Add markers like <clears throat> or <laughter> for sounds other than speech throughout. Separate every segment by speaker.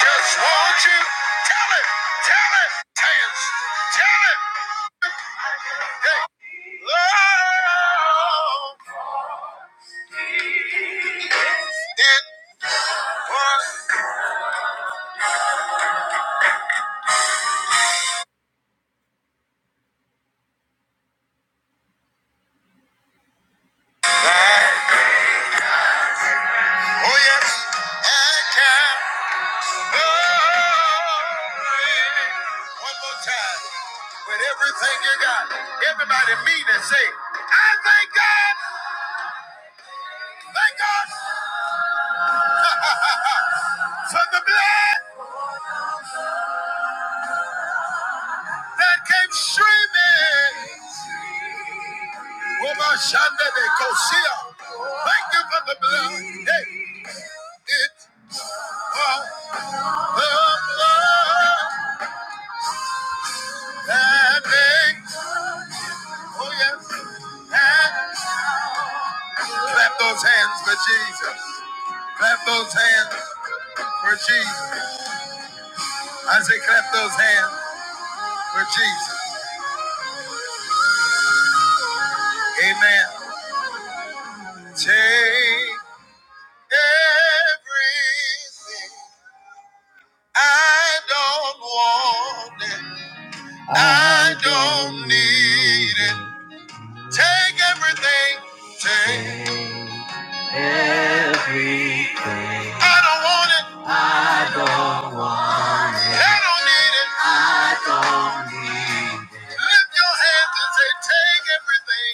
Speaker 1: Just want you. Tell it. Tell it. Tales. Tell it. Hey. Love. It was. Oh, yes. I can. Love. it. One more time. With everything you got. Everybody mean and say, I thank God. Thank God for the blood that came streaming. Woman shande de Kosia. Thank you for the blood. Hey, it was the blood that makes. Oh, yes. And clap those hands for Jesus. Clap those hands for Jesus. I say, clap those hands for Jesus. Amen. Take everything. I don't want it. I don't need it. Take everything. Take. Take everything. I don't want it. I don't want it. I don't need it. I don't need it. Lift your hands and say, Take everything.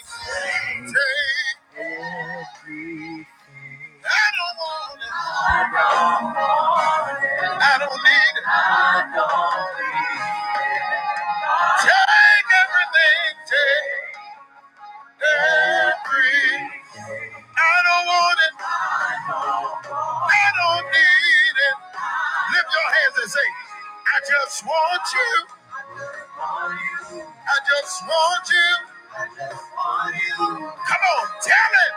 Speaker 1: Take. Take everything. I don't want it. I don't need it. I don't need it. Take everything. Take everything. I don't want it. We don't need it. Lift your hands and say, I just want you. I just want you. Come on, tell it.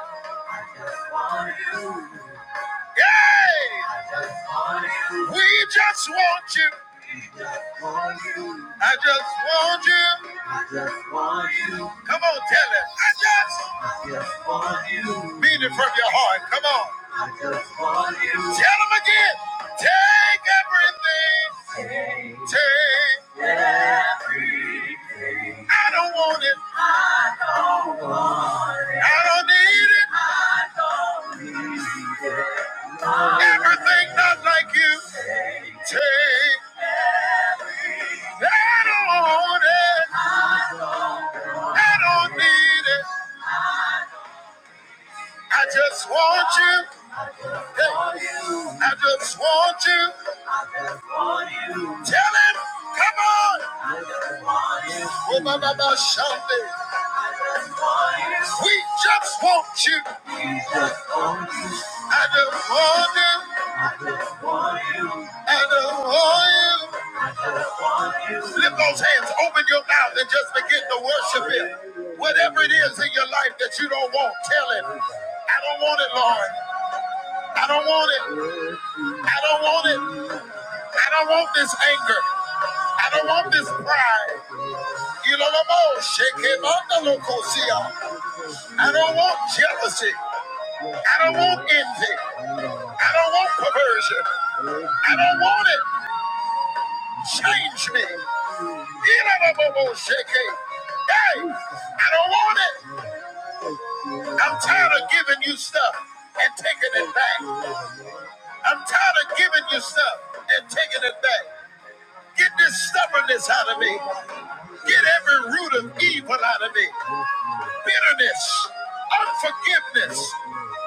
Speaker 1: I just want you. Yay! we just want you. I just want you. I just want you. Come on, tell it. I just I just want you. mean it from your heart. Come on. I just want you. Tell them again. Take everything. Take. Take everything. I don't want it. I don't need it. Everything not like you. Take. I don't want it. I don't need it. I just want you. Hey. I just want you. I just want you. Tell him, come on. I just want you. Oh, my, my, my, Sunday. I just want you. We just want you. We just want you. I just want you. I just want you. I just want you. I just want you. Lift those hands, open your mouth, and just begin to worship Him. Whatever it is in your life that you don't want, tell Him, I don't want it, Lord. I don't want it. I don't want it. I don't want this anger. I don't want this pride. You know the most. Shake him under Lucosia. I don't want jealousy. I don't want envy. I don't want perversion. I don't want it. Change me. You know the most. Shake it. Hey, I don't want it. I'm tired of giving you stuff and taking it back. I'm tired of giving you stuff and taking it back. Get this stubbornness out of me. Get every root of evil out of me. Bitterness, unforgiveness.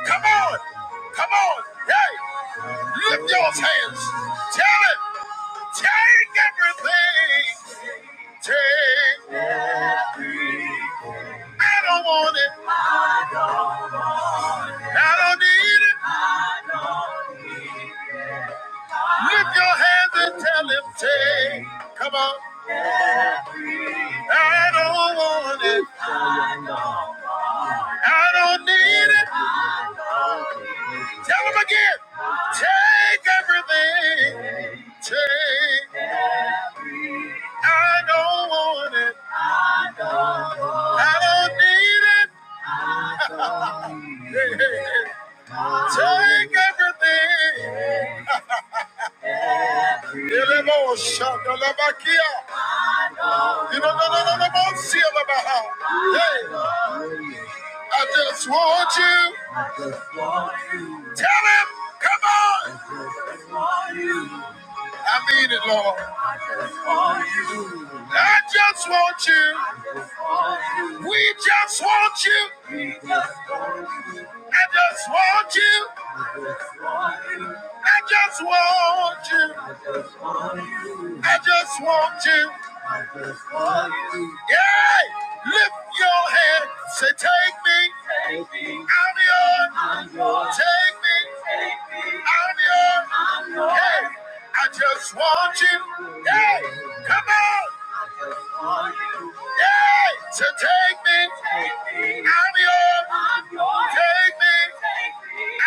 Speaker 1: Come on, come on. Hey, lift your hands. Tell it. Take everything. Take. I don't want it. I don't need it. Lift your hands and tell him, take. Come on. I don't want it. I don't need it. Tell him again. Take everything. Take. I don't want it. I don't need it. Hey, hey, hey. Take everything. Elemotion, elebakia. You don't know, no, no, no, no, no, see elebaha. Hey, I just want you. I just want you. Tell him, come on. I just want you. I mean it, Lord. I just want you. I just want you. We just want you. I just want you. I just want you. I just want you. I just want you. Yeah! Lift your hand. Say, take me. Take me. I'm yours. I'm yours. Take me. Take me. I'm yours. I'm yours. Hey, I just want you. Hey, come on. Yay! So take me out of your take me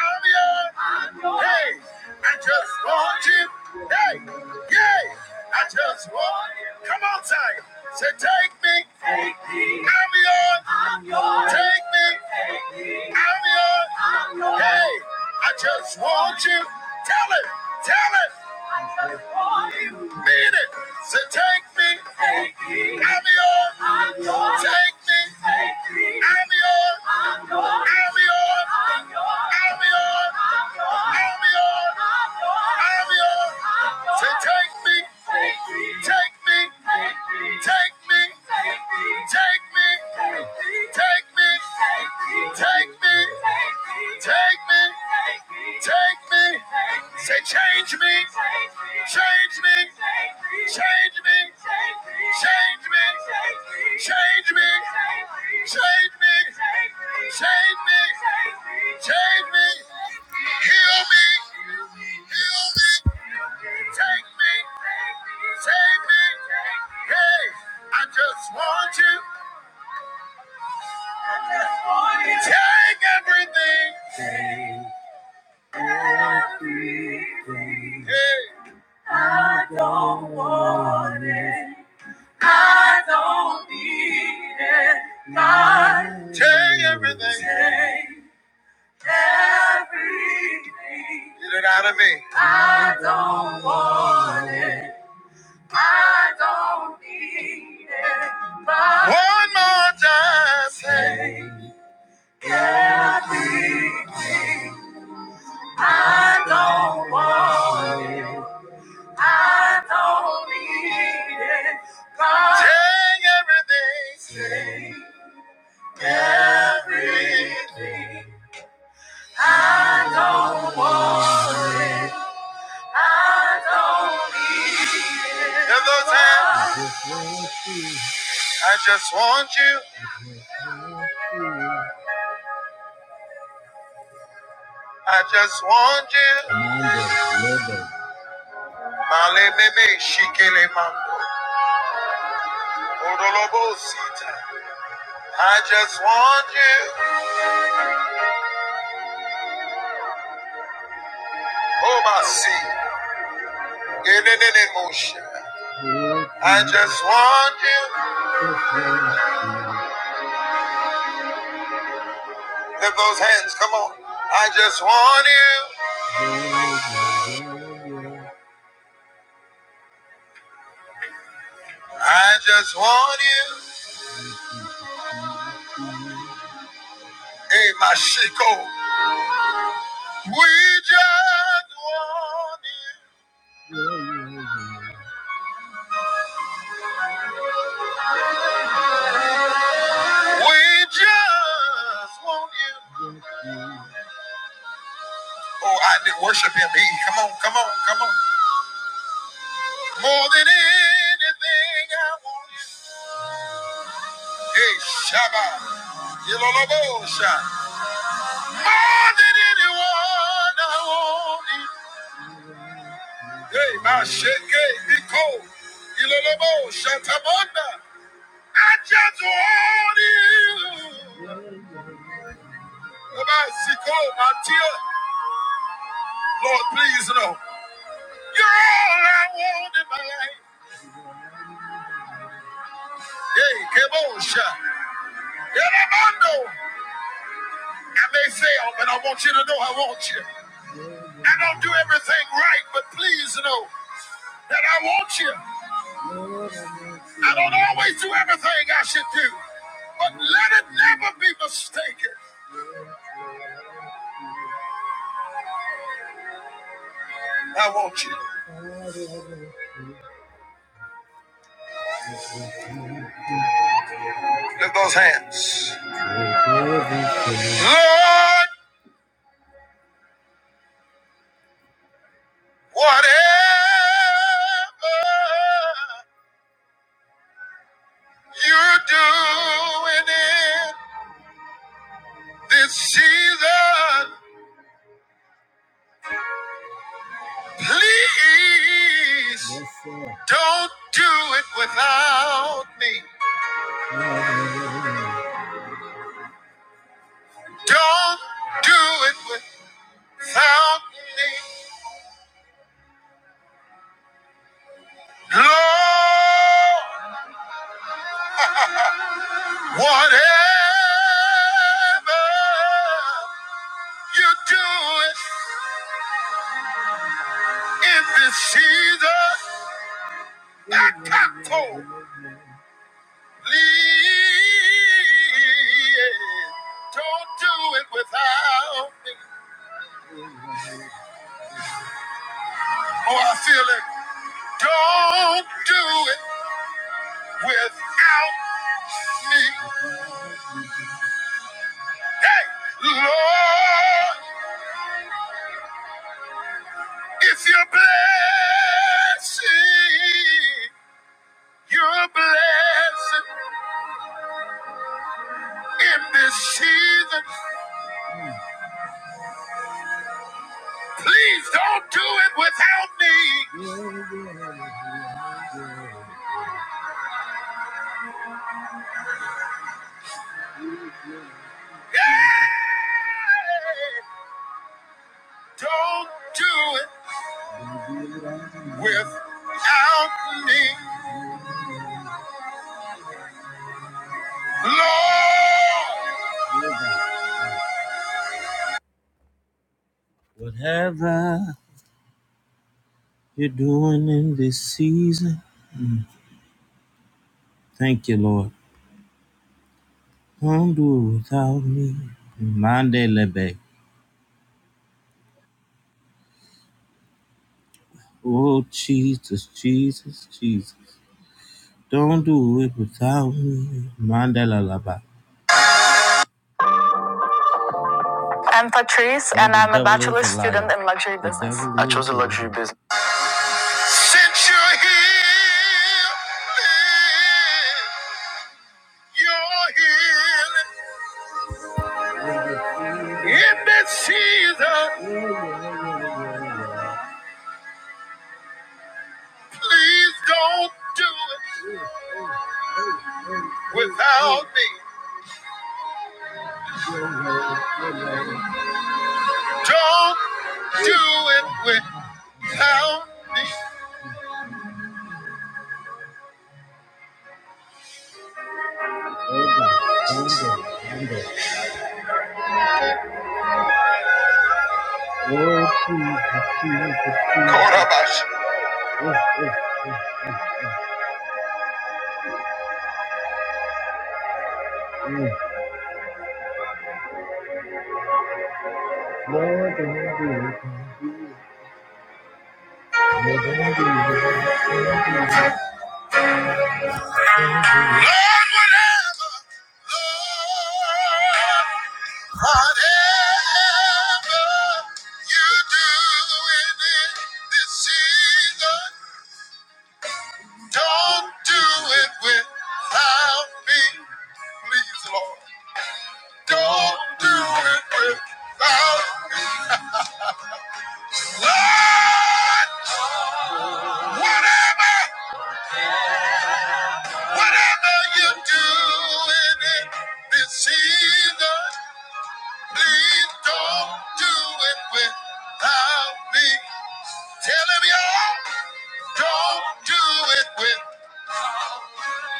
Speaker 1: out of your hey. I just want you. Hey, yay! I just want you. Come on, Tiger. Say take me out of your take me out of your hey. I just want you. Tell it. Tell it. I just want you. Mean it. So take me. Take me. I'm yours. I'm yours. Take me. Take me. I'm yours. I'm yours. I'm yours. I'm yours. I'm yours. I'm yours. I'm yours. I'm yours. So take me. Take me. Take me. Take me. Take me. Take me. Take me. Take me. Take me. Take me, take me, say change me, change me, change me, change me, change me, change me, change me, change me, heal me, heal me, take me, save me, hey, I just want you, take everything. everything. I don't need it. God, take everything. Take everything. Get it out of me. I don't want it. I don't need it. But One more time. Say, I don't need it. God, take everything. Take And those hands. I just want you. I just want you. Mando, lebe. Male bebe shikele mando. Odolobo sita. I just want you. Obasi. Yenenene moshe. I just want you. Lift those hands. Come on. I just want you. I just want you. Hey, my shiko. We just want you. We just want you. Oh, I did worship him. He, come on, come on, come on. More than anything, I want you. Hey, Shabbat. Yololobosha. More than anyone, I want you. Hey, my shake, Nico. Yololobosha, Tamonda. I just want you. Come on, she my tear. Lord, please know. You're all I want in my life. Hey, come on, shout. I may fail, but I want you to know I want you. I don't do everything right, but please know that I want you. I don't always do everything I should do, but let it never be mistaken. I want you. Lift those hands. Lord, whatever You're doing it this season. Please Yes, sir. don't do it without me. Don't do it without me. Lord, whatever you do it in this season, I come for. Please don't do it without me. Oh, I feel it. Don't do it without me. Hey, Lord, if you're blessing, you're blessing in this season. Please don't do it without me. Don't do it without me, Lord. Whatever you're doing in this season, thank you, Lord. Don't do it without me. Mandelebe. Oh, Jesus, Jesus, Jesus. Don't do it without me. Mandela Laba. I'm Patrice, and I'm a bachelor student in luxury business. I chose a luxury. Since you're here, you're healing in this season. Please don't do it without me. Don't do it without me. Coronavirus. Lord, whatever, Lord, whatever you do in this season. Don't do it without me, please, Lord. Don't do it without me, Lord. Whatever, whatever you're doing in this season, please don't do it without me. Tell him, y'all, don't do it with.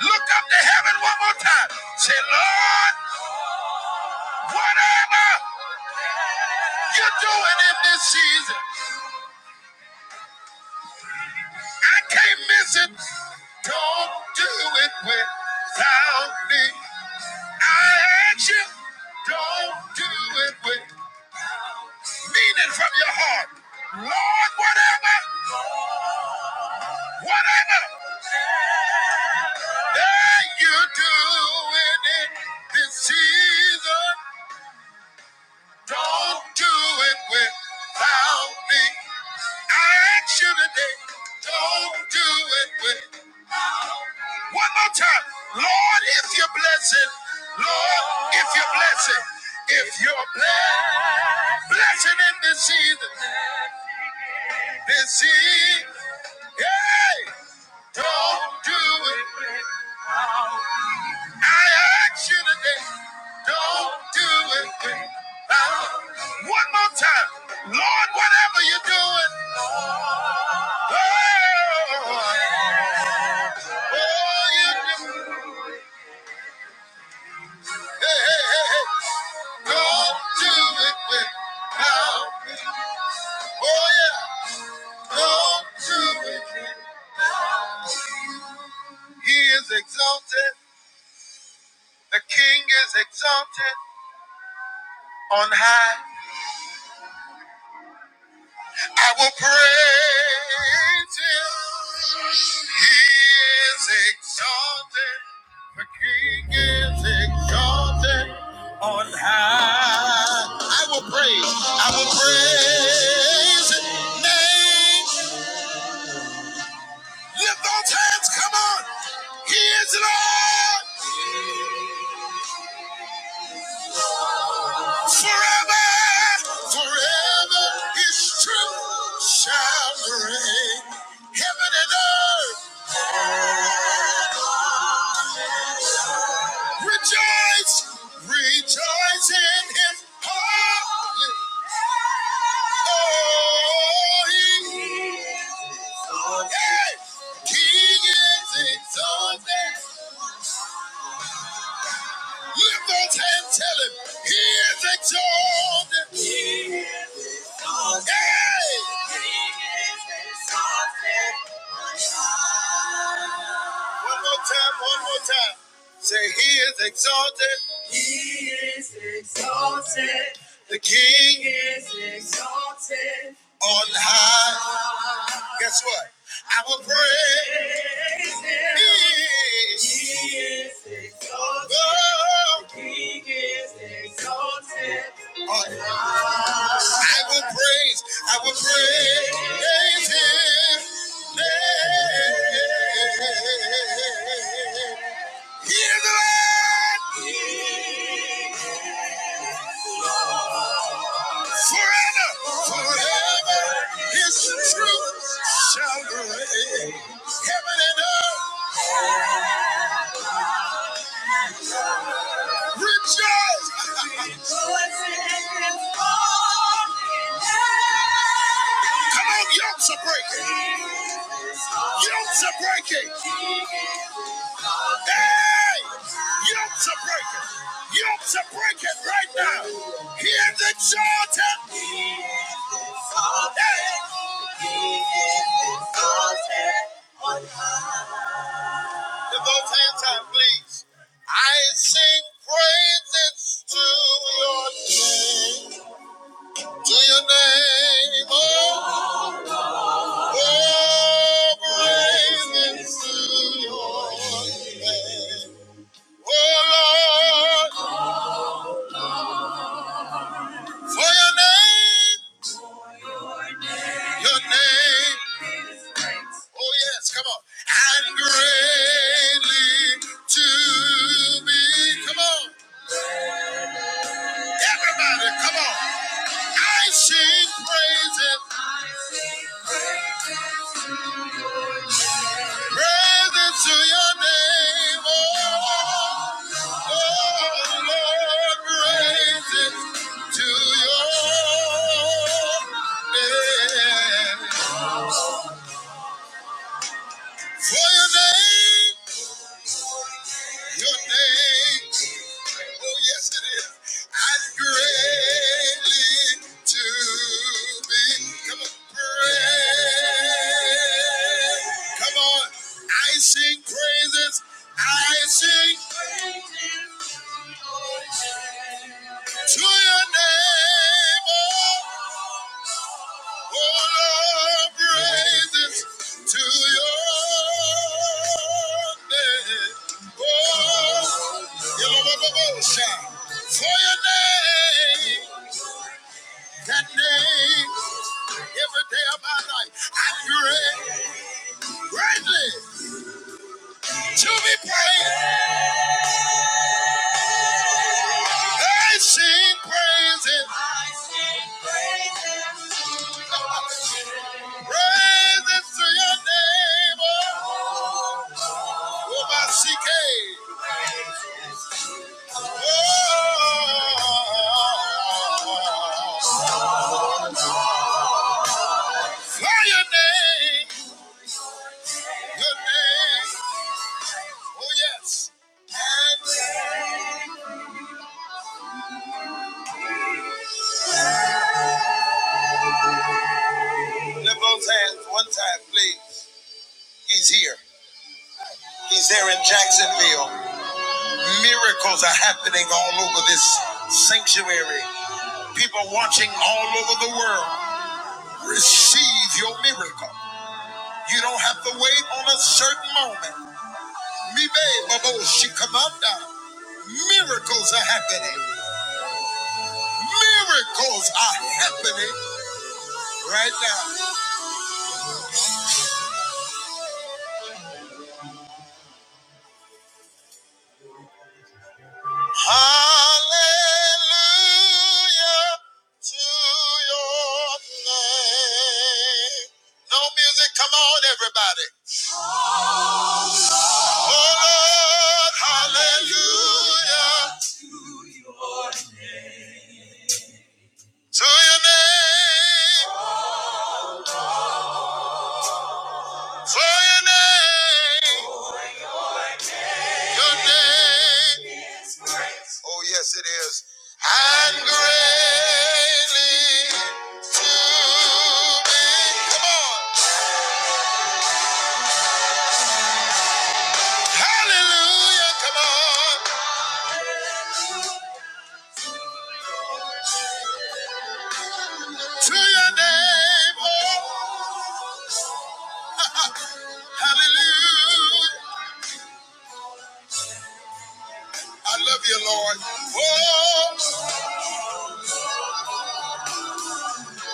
Speaker 1: Look up to heaven one more time. Say, Lord, whatever. you're doing it this season. I can't miss it. Don't do it without me. I ask you, don't do it with mean it from your heart. Lord, whatever, whatever that you're doing it this season, don't do it without me. I ask you today, don't do it without me. One more time. Lord, if you bless it, Lord, if you bless it, if you're blessed, blessing in this season, this season, hey, don't do it. I ask you today, don't do it without. One more time. Lord, whatever you're doing, oh, oh, you do, hey, hey, hey, hey, don't do it without. me. Oh yeah, go to it. He is exalted. The King is exalted on high. I will praise him. He is exalted. The King is exalted on high. I will praise. I will praise his name. Lift those hands. Come on. He is Lord. Forever, forever, His truth shall reign. Heaven and earth rejoice, rejoice in Him. Holy, holy, hey! King is exalted. Lift those hands, tell Him He is exalted. Hey! One more time, one more time. Say, He is exalted. He is exalted. The King is exalted. On high. Guess what? I will praise him. He is exalted. Oh. The King is exalted. On high. I will praise, I will praise him. Hear the Lord forever, forever. His truth shall reign. Heaven and earth rejoice. <laughs> Come on, yokes are breaking. Yokes are breaking. Hey! Yokes are breaking. Yokes are breaking right now. Hear the Jordan. Hey! Devote hand time, please. I sing praises to your name. To your name. Oh, oh praises to your name. Oh, Lord. For your name. Your name. Oh, yes, come on. And greatly to be. Come on. Everybody, come on. I sing praises, praises to your name. Oh, oh Lord, praises to your name. For your name. Your name, oh yes it is. I'm greatly to be. Come on, praise. Come on, I sing praises. I sing to your name. Oh, all our praises to your name. Oh, Yellow shout for your name, that name, every day of my life. I pray greatly to be praised. I sing praises, praises to your name. Oh, oh, my CK. Fly your name, your name. Oh yes. Lift those hands one time, please. He's here. He's there in Jacksonville. Miracles are happening all over this sanctuary. People watching all over the world. Receive your miracle. You don't have to wait on a certain moment. Mibe Babo Shikamanda. Miracles are happening. Miracles are happening right now. Hallelujah to your name. No music, come on, everybody. Oh Lord, hallelujah to your name, to your name, your name. Oh, yes, it is. And greatly to be. Come on. Hallelujah. Come on. To your name. Oh, <laughs> hallelujah. I love you, Lord. Oh,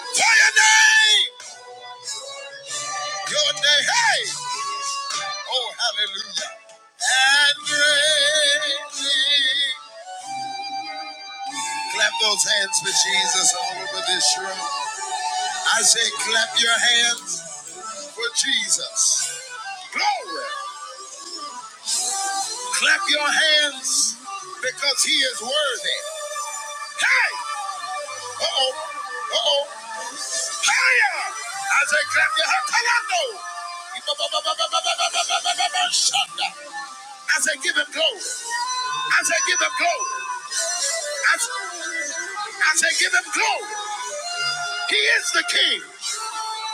Speaker 1: to your name. Your name. Hey. Oh, hallelujah. And greatly. Clap those hands for Jesus all over this room. I say, clap your hands for Jesus. Glory. Clap your hands because he is worthy. Hey! Uh-oh. Uh-oh. Higher! I say, clap your hands. Kalando. Shanda. I say, give him glory. I say, give him glory. I say, I say, give him glory. He is the king.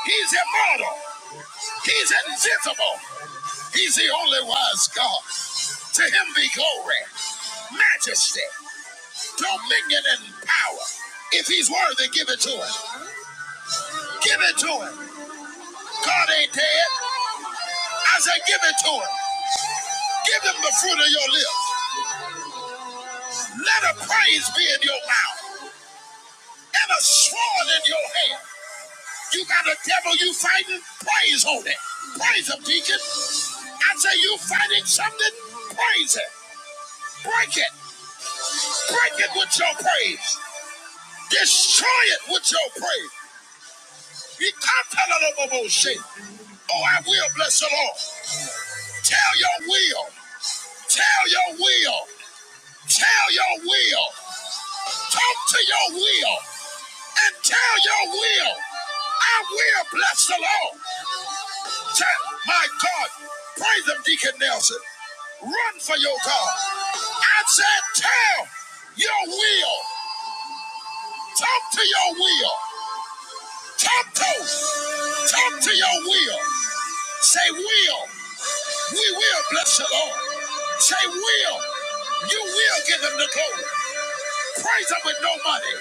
Speaker 1: He's immortal. He's invisible. He's the only wise God. To him be glory, majesty, dominion, and power. If he's worthy, give it to him. Give it to him. God ain't dead. I said, give it to him. Give him the fruit of your lips. Let a praise be in your mouth and a sword in your hand. You got a devil you fighting? Praise on it. Praise him, deacon. I say you fighting something? Praise it. Break it. Break it with your praise. Destroy it with your praise. Be compelled Oh, I will bless the Lord. Tell your will. Tell your will. Tell your will. Talk to your will and tell your will. I will bless the Lord. Tell my God. Praise him, Deacon Nelson. Run for your God. I said, tell your will. Talk to your will. Talk to, talk to your will. Say, will, we will bless the Lord. Say, will, you will give him the glory. Praise him with no money.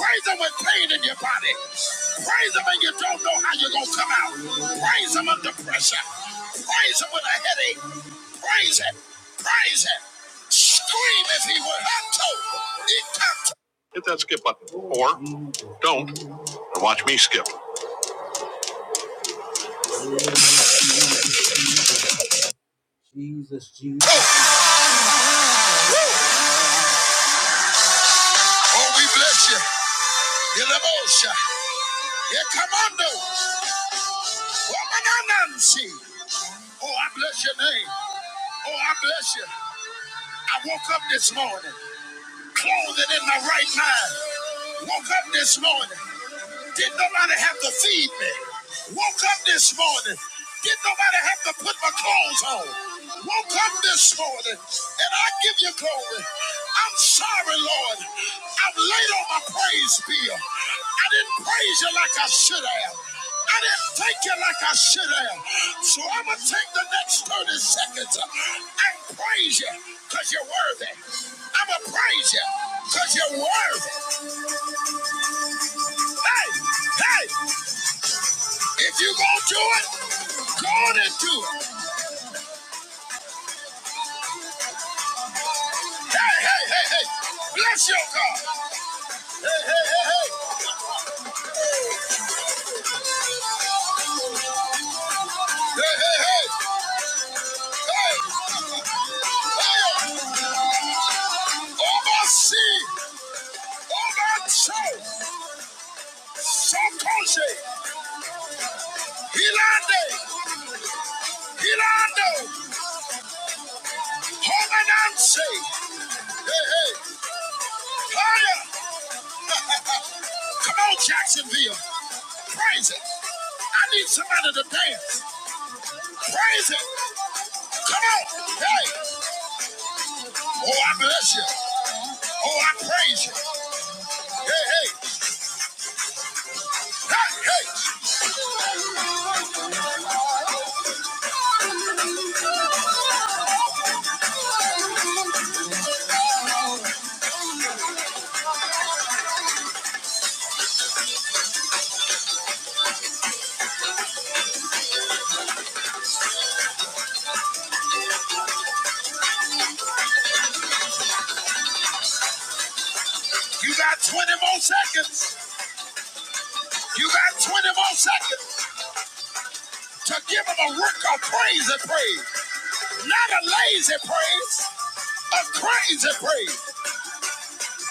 Speaker 1: Praise him with pain in your body. Praise him and you don't know how you're going to come out. Praise him under pressure. Praise him with a headache. Praise him. Praise him. Scream if he would. Talk to, he talk to. Jesus, Jesus. Oh, we bless you. Yelabosha. Yekamando. Womananansi. Oh, I bless your name. Oh, I bless you. I woke up this morning, clothed in my right mind. Woke up this morning. Didn't nobody have to feed me. Woke up this morning. Didn't nobody have to put my clothes on. Woke up this morning. And I give you glory. I'm sorry, Lord. I'm late on my praise bill. I didn't praise you like I should have. I didn't thank you like I should have. So I'm going to take the next 30 seconds and praise you because you're worthy. I'm going to praise you because you're worthy. Hey, hey, if you going to do it, go on and do it. Hey, hey, hey, hey. Bless your God. Hey, hey, hey, hey. Hey, hey, hey. Hey. Hey. Oversee. Oversee. Sokosi, Hilande, Hilando, Homanansi. Hey, hey, fire! <laughs> Come on, Jacksonville. Praise it. I need somebody to dance. Praise it. Come on. Hey. Oh, I bless you. Oh, I praise you. Hey, hey, hey, hey. You got 20 more seconds. You got 20 more seconds. to give him a work of praise and praise, not a lazy praise, a crazy praise.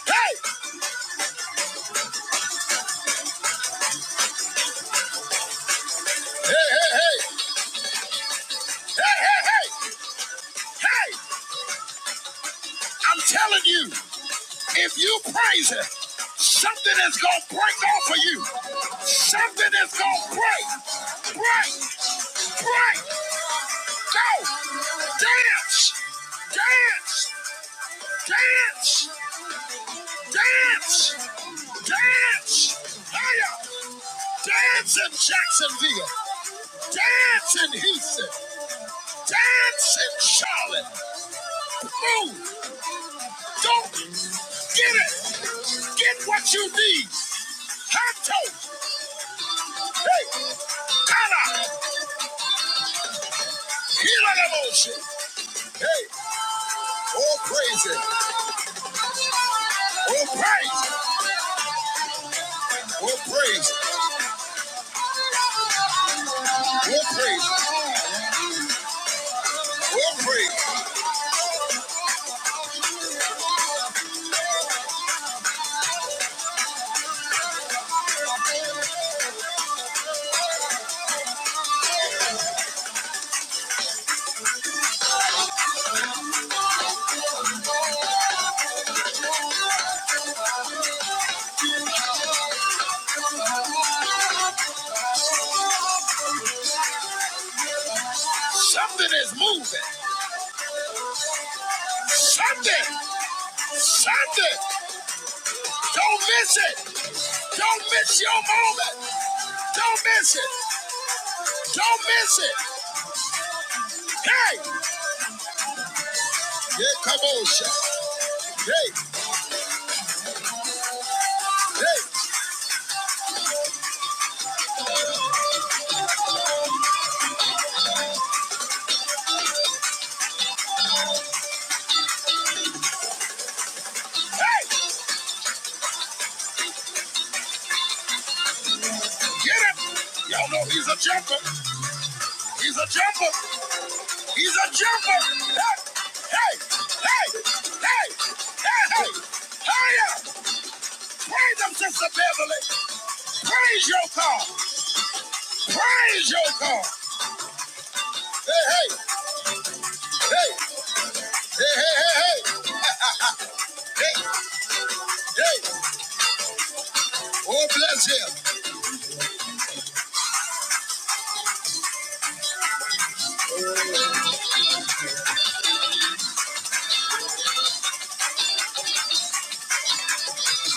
Speaker 1: Hey, hey, hey, hey, hey, hey, hey, hey, I'm telling you, if you praise him, something is gonna break off of you. Something is gonna break, break, break. Go, dance, dance, dance. Dance! Dance! Hiya! Dance in Jacksonville! Dance in Houston! Dance in Charlotte! Move! Don't get it! Get what you need! Hato! Hey! Kala! Hila the motion! Hey! Oh praise it! Oh praise! Oh praise! Oh praise! Oh praise! Something is moving! Sunday, Sunday. Don't miss it. Don't miss your moment. Don't miss it. Don't miss it. Hey, yeah, come on, shot. Hey, hey, hey, get him. Y'all know he's a jumper. He's a jumper. He's a jumper. Hey, hey, hey, hey, hey. hey. Hurry up. Praise him, Sister Beverly. Praise your car. Praise your car. Hey, hey, hey. Hey, hey, hey, hey, hey, hey. Oh, bless him.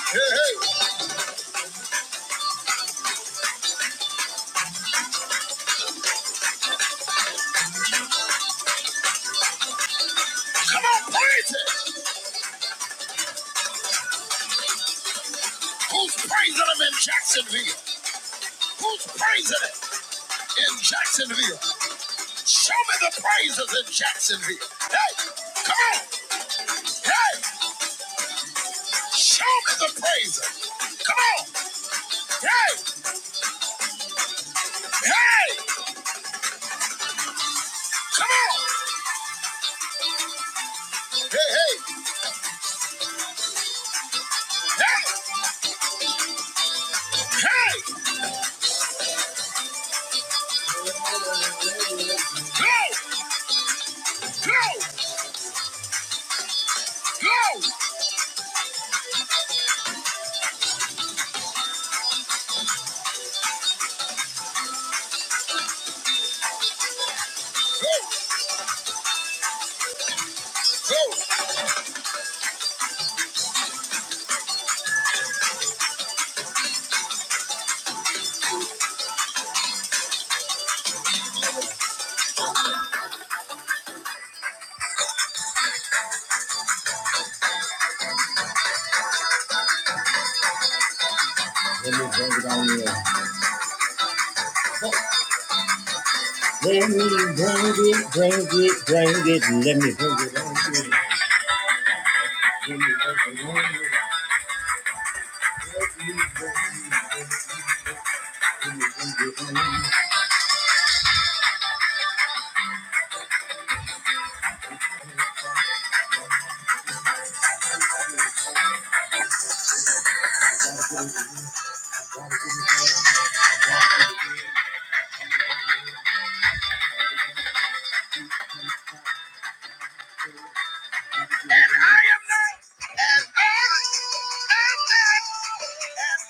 Speaker 1: Hey, hey. Come on, praise it. Who's praising him in Jacksonville? Who's praising it in Jacksonville? Show me the praises in Jacksonville. Hey, come on. Hey, show me the praises. Come on. Hey, hey, come on. Hey, hey, hey, hey. Go, go, go, go. Bring it, bring it, bring it, bring it. Let me hold it on. And I not. And I not. And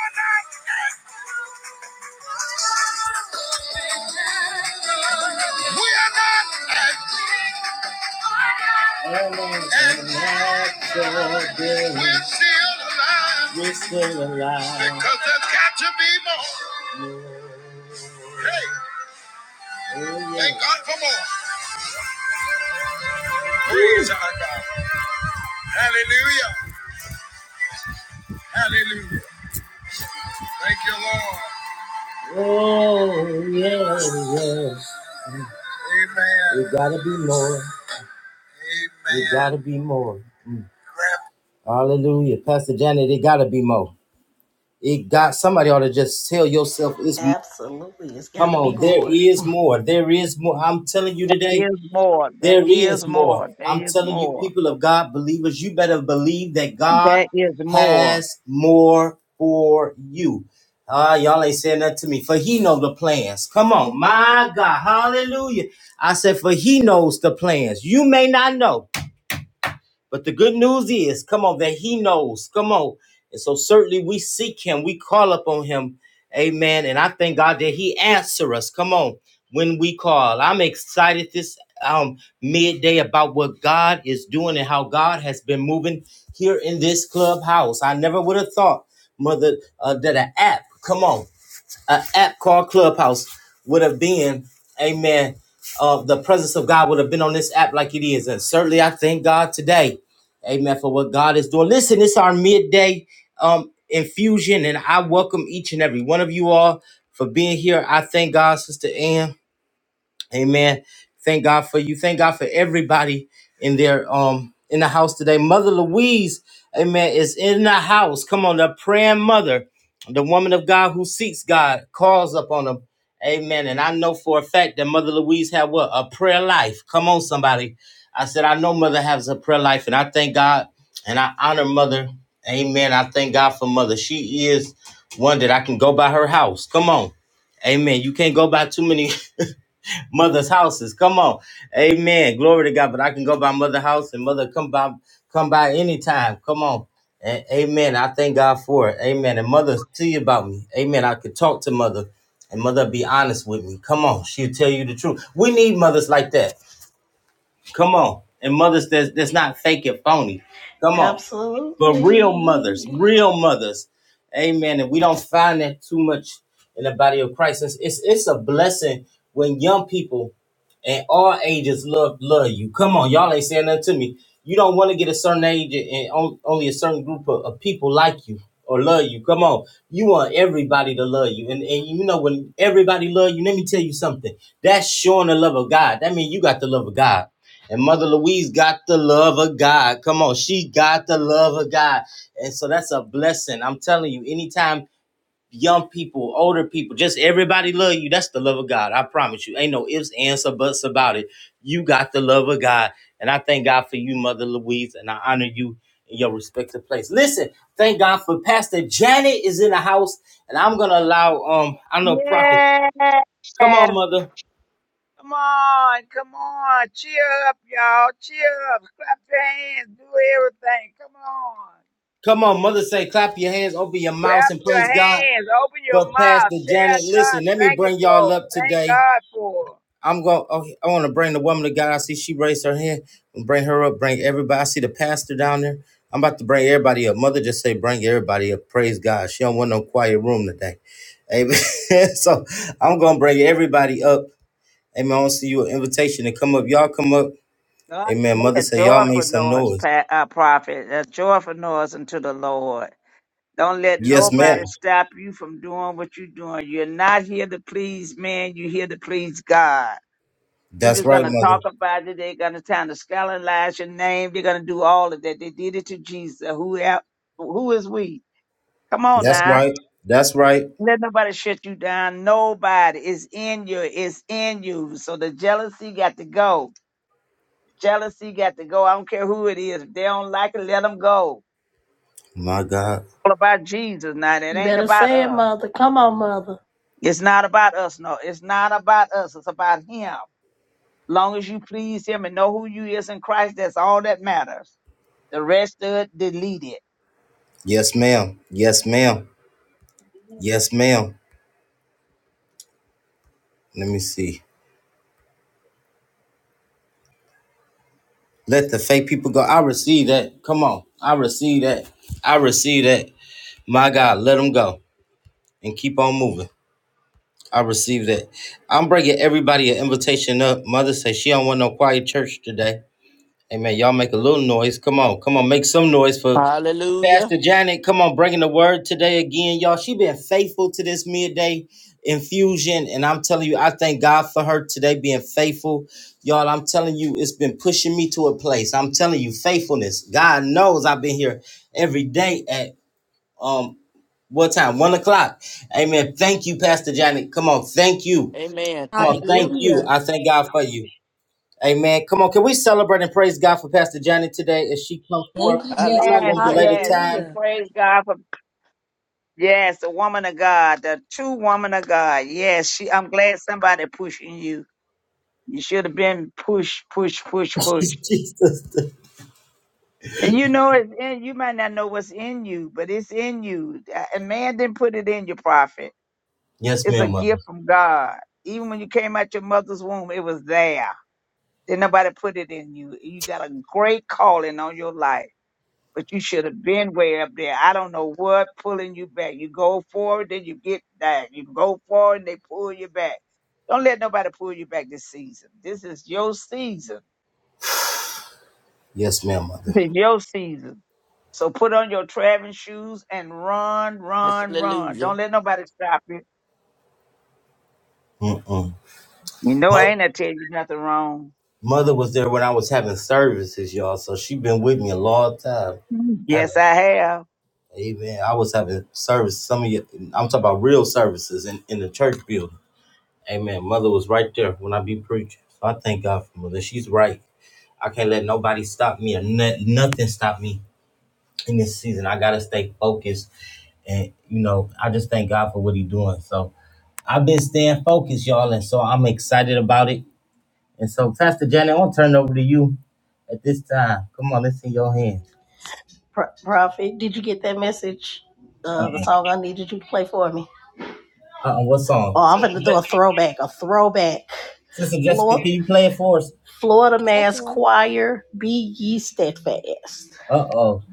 Speaker 1: are not. we are not. we're still alive. We're still alive. Because there's got to be more. Hey, yeah. thank Yes. God for more. Praise our God. Hallelujah. Hallelujah. Thank you, Lord. Oh, yes, yes. Amen. We gotta be more. Amen. We gotta be more. Mm. Hallelujah. Pastor Janet, it gotta be more. It got somebody ought to just tell yourself it's more.
Speaker 2: Absolutely. It's got
Speaker 1: Come
Speaker 2: to be
Speaker 1: on, there
Speaker 2: more.
Speaker 1: is more. There is more. I'm telling you
Speaker 3: There
Speaker 1: today.
Speaker 3: is more. That
Speaker 1: There is
Speaker 3: is
Speaker 1: more.
Speaker 3: more. There
Speaker 1: I'm
Speaker 3: is
Speaker 1: telling you,
Speaker 3: more.
Speaker 1: people of God, believers, you better believe that God
Speaker 3: That is more.
Speaker 1: has more for you. Ah, y'all ain't saying that to me. For he know the plans. Come on, my God, hallelujah. I said, for he knows the plans. You may not know. But the good news is, come on, that he knows. Come on. And so certainly we seek him, we call upon him. Amen. And I thank God that he answers us. Come on, when we call. I'm excited this um midday about what God is doing and how God has been moving here in this clubhouse. I never would have thought, mother, uh, that an app, come on an app called Clubhouse would have been, amen, uh, the presence of God would have been on this app like it is. And certainly I thank God today, amen, for what God is doing. Listen, it's our midday um, infusion, and I welcome each and every one of you all for being here. I thank God, Sister Ann. Amen. Thank God for you. Thank God for everybody in their um in the house today. Mother Louise, amen, is in the house. Come on, the praying mother, the woman of God who seeks God, calls upon him. Amen. And I know for a fact that Mother Louise had what? A prayer life. Come on, somebody. I said, I know Mother has a prayer life, and I thank God and I honor Mother. Amen. I thank God for Mother. She is one that I can go by her house. Come on. Amen. You can't go by too many <laughs> mother's houses. Come on. Amen. Glory to God. But I can go by mother house and mother come by come by anytime. Come on. A- amen. I thank God for it. Amen. And mother tell you about me. Amen. I could talk to mother and mother be honest with me. Come on. She'll tell you the truth. We need mothers like that. Come on. And mothers that's, that's not fake and phony. Come on. But real mothers,
Speaker 2: Absolutely.
Speaker 1: real mothers. Amen. And we don't find that too much in the body of Christ. It's, it's, it's a blessing when young people and all ages love love you. Come on, y'all ain't saying nothing to me. You don't want to get a certain age and on- only a certain group of, of people like you or love you. Come on, you want everybody to love you, and and you know when everybody love you, let me tell you something. That's showing the love of God. That means you got the love of God. And Mother Louise got the love of God. Come on, she got the love of God, and so that's a blessing. I'm telling you, anytime young people, older people, just everybody love you. That's the love of God. I promise you. Ain't no ifs, ands, or buts about it. You got the love of God. And I thank God for you, Mother Louise, and I honor you in your respective place. Listen, thank God for Pastor Janet is in the house, and I'm gonna allow um, I know Prophet.
Speaker 3: Yes.
Speaker 1: Come on,
Speaker 3: Come
Speaker 1: mother.
Speaker 3: on. Come on. Cheer up, y'all. Cheer up. Clap your hands. Do everything. Come on.
Speaker 1: Come on, mother say clap your hands, open your mouths,
Speaker 3: Clap
Speaker 1: and
Speaker 3: your
Speaker 1: praise God.
Speaker 3: hands. Open your
Speaker 1: But
Speaker 3: mouth.
Speaker 1: Pastor Janet,
Speaker 3: Tell God
Speaker 1: listen, let me
Speaker 3: thank you
Speaker 1: bring y'all
Speaker 3: for. it.
Speaker 1: up
Speaker 3: Thank
Speaker 1: today.
Speaker 3: God for. it.
Speaker 1: I'm going. Oh, I want to bring the woman of God. I see she raised her hand. And bring her up. Bring everybody. I see the pastor down there. I'm about to bring everybody up. Mother just say, bring everybody up. Praise God. She don't want no quiet room today. Amen. <laughs> so I'm gonna bring everybody up. Amen. I want to see you an invitation to come up. Y'all come up.
Speaker 3: God
Speaker 1: Amen.
Speaker 3: make
Speaker 1: Mother
Speaker 3: a
Speaker 1: say, y'all make
Speaker 3: joyful
Speaker 1: some
Speaker 3: noise,
Speaker 1: noise.
Speaker 3: pa- uh, prophet. A joyful noise unto the Lord. Don't let
Speaker 1: Yes, ma'am.
Speaker 3: nobody stop you from doing what you're doing. You're not here to please man, you're here to please God.
Speaker 1: That's
Speaker 3: People's
Speaker 1: right,
Speaker 3: gonna
Speaker 1: mother.
Speaker 3: talk about it, they're gonna try to scandalize your name, they're gonna do all of that. They did it to Jesus. Who el- who is we? Come on
Speaker 1: That's
Speaker 3: now.
Speaker 1: right. That's right.
Speaker 3: Let nobody shut you down. Nobody is in you, it's in you. So the jealousy got to go. Jealousy got to go. I don't care who it is. If they don't like it, let them go.
Speaker 1: My God.
Speaker 3: All about Jesus now. It
Speaker 2: You
Speaker 3: ain't
Speaker 2: better
Speaker 3: about
Speaker 2: say it,
Speaker 3: us.
Speaker 2: mother. Come on, mother.
Speaker 3: It's not about us. No, it's not about us. It's about him. Long as you please him and know who you is in Christ, that's all that matters. The rest of it, delete it.
Speaker 1: Yes, ma'am. Yes, ma'am. Yes, ma'am. Let me see. Let the fake people go. I receive that. Come on. I receive that. I receive that. My God, let them go and keep on moving. I receive that. I'm bringing everybody an invitation up. Mother say she don't want no quiet church today. Amen. Y'all make a little noise. Come on. Come on. Make some noise for
Speaker 4: Hallelujah.
Speaker 1: Pastor Janet, come on, bringing the word today again, y'all. She been faithful to this midday infusion, and I'm telling you, I thank God for her today being faithful, y'all. I'm telling you, it's been pushing me to a place. I'm telling you, faithfulness. God knows I've been here every day at um what time? One o'clock. Amen. Thank you, Pastor Janet. Come on, thank you.
Speaker 4: Amen.
Speaker 1: Come on,
Speaker 4: Thank
Speaker 1: thank
Speaker 4: you.
Speaker 1: you.
Speaker 5: Hallelujah.
Speaker 1: I thank God for you. Amen. Come on, can we celebrate and praise God for Pastor Janet today as she comes forth?
Speaker 5: Thank you,
Speaker 1: I'm
Speaker 5: Jesus.
Speaker 1: not
Speaker 3: Yes,
Speaker 1: gonna
Speaker 4: Hallelujah.
Speaker 1: belay the
Speaker 3: yes. We
Speaker 1: time.
Speaker 5: Hallelujah.
Speaker 3: praise God for yes, the woman of God, the true woman of God. Yes, she. I'm glad somebody pushing you. You should have been push, push, push,
Speaker 1: <laughs>
Speaker 3: push.
Speaker 1: Jesus.
Speaker 3: And you know it's in. You might not know what's in you, but it's in you. Uh, And man didn't put it in your prophet.
Speaker 1: Yes,
Speaker 3: It's a
Speaker 1: ma'am, mother.
Speaker 3: gift from God. Even when you came out your mother's womb, it was there. Did not nobody put it in you? You got a great calling on your life, but you should have been way up there. I don't know what pulling you back. You go forward, then you get back. You go forward, and they pull you back. Don't let nobody pull you back this season. This is your season.
Speaker 1: Yes, ma'am, mother.
Speaker 3: This is your season. So put on your traveling shoes and run,
Speaker 4: Yes,
Speaker 3: run, run. Don't
Speaker 4: Hallelujah.
Speaker 3: let nobody stop you.
Speaker 1: Mm-mm.
Speaker 3: You know I
Speaker 1: Mother,
Speaker 3: ain't I tell you nothing wrong.
Speaker 1: mother was there when I was having services, y'all. So she been with me a long time. I have
Speaker 3: Yes,
Speaker 1: a-
Speaker 3: I have.
Speaker 1: amen. I was having service. Some of you, I'm talking about real services in, in the church building. Amen. Mother was right there when I be preaching. So I thank God for mother. She's right. I can't let nobody stop me or no- nothing stop me in this season. I gotta stay focused, and you know, I just thank God for what He doing. So I've been staying focused, y'all, and so I'm excited about it. And so, Pastor Janet, I want to turn it over to you at this time. Come on, let's see your hands.
Speaker 2: Pro- Prophet, did you get that message? Uh, the
Speaker 1: Uh-uh.
Speaker 2: song I needed you to play for me.
Speaker 1: Uh-uh. What song?
Speaker 2: Oh, I'm going to do a throwback, a throwback.
Speaker 1: Sister Jessica, can
Speaker 2: Florida,
Speaker 1: you play it for us?
Speaker 2: Florida
Speaker 5: Yes, I
Speaker 2: Mass
Speaker 5: can.
Speaker 2: Choir, be ye steadfast.
Speaker 1: Uh-oh.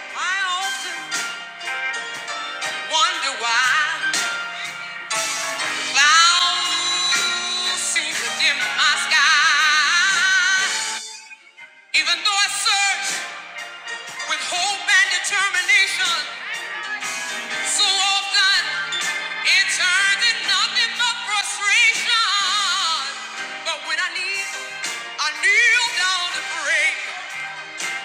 Speaker 5: I often wonder why clouds seem to dim my sky. Even though I search with hope and determination, so often it turns into nothing but frustration. But when I kneel, I kneel down to pray.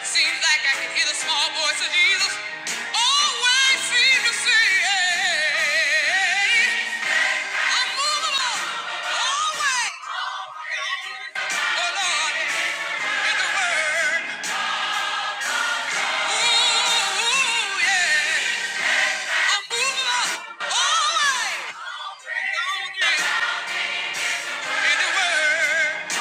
Speaker 5: Seems like I can hear the small voice of Jesus. always seem to see. I'm movable, always. Oh Lord, in the Word. Ooh, yeah. I'm movable, always. don't get In the Word.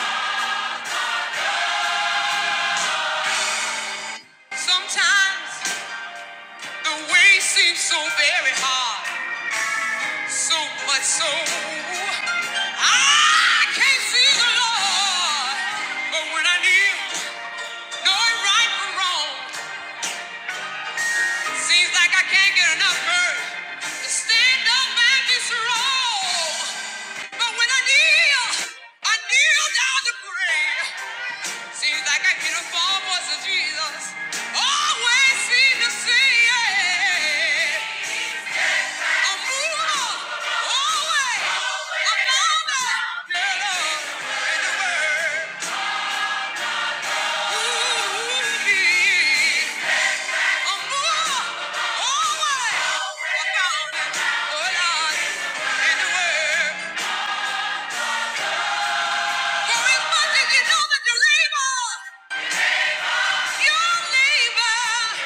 Speaker 5: Sometimes the way seems so very hard. So much so I can't see the Lord. But when I kneel, knowing right from wrong, seems like I can't get enough courage to stand up and disown. But when I kneel, I kneel down to pray. Seems like I hear the far voice of Jesus. Always seem to say, And evil always aboundeth in the word. Ooh, ye of more always aboundeth, O Lord, in the word. For as you know that you labor, you labor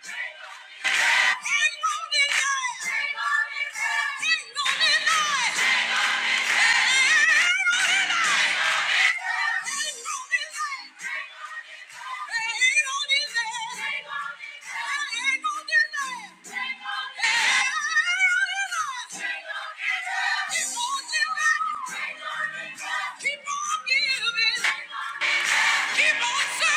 Speaker 5: Thank you. Keep on giving. Keep on yeah.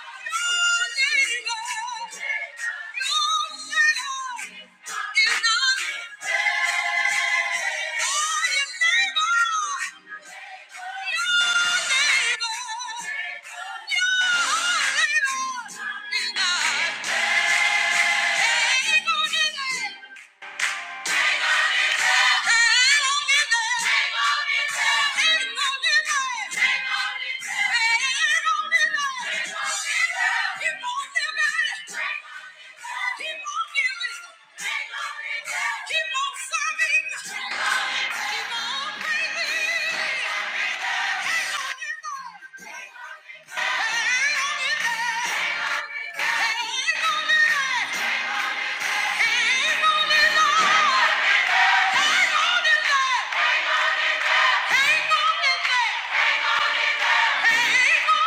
Speaker 5: Your neighbor, is not Yeah. Keep on Hey! Hang on in there! Hang on in there! Hang on to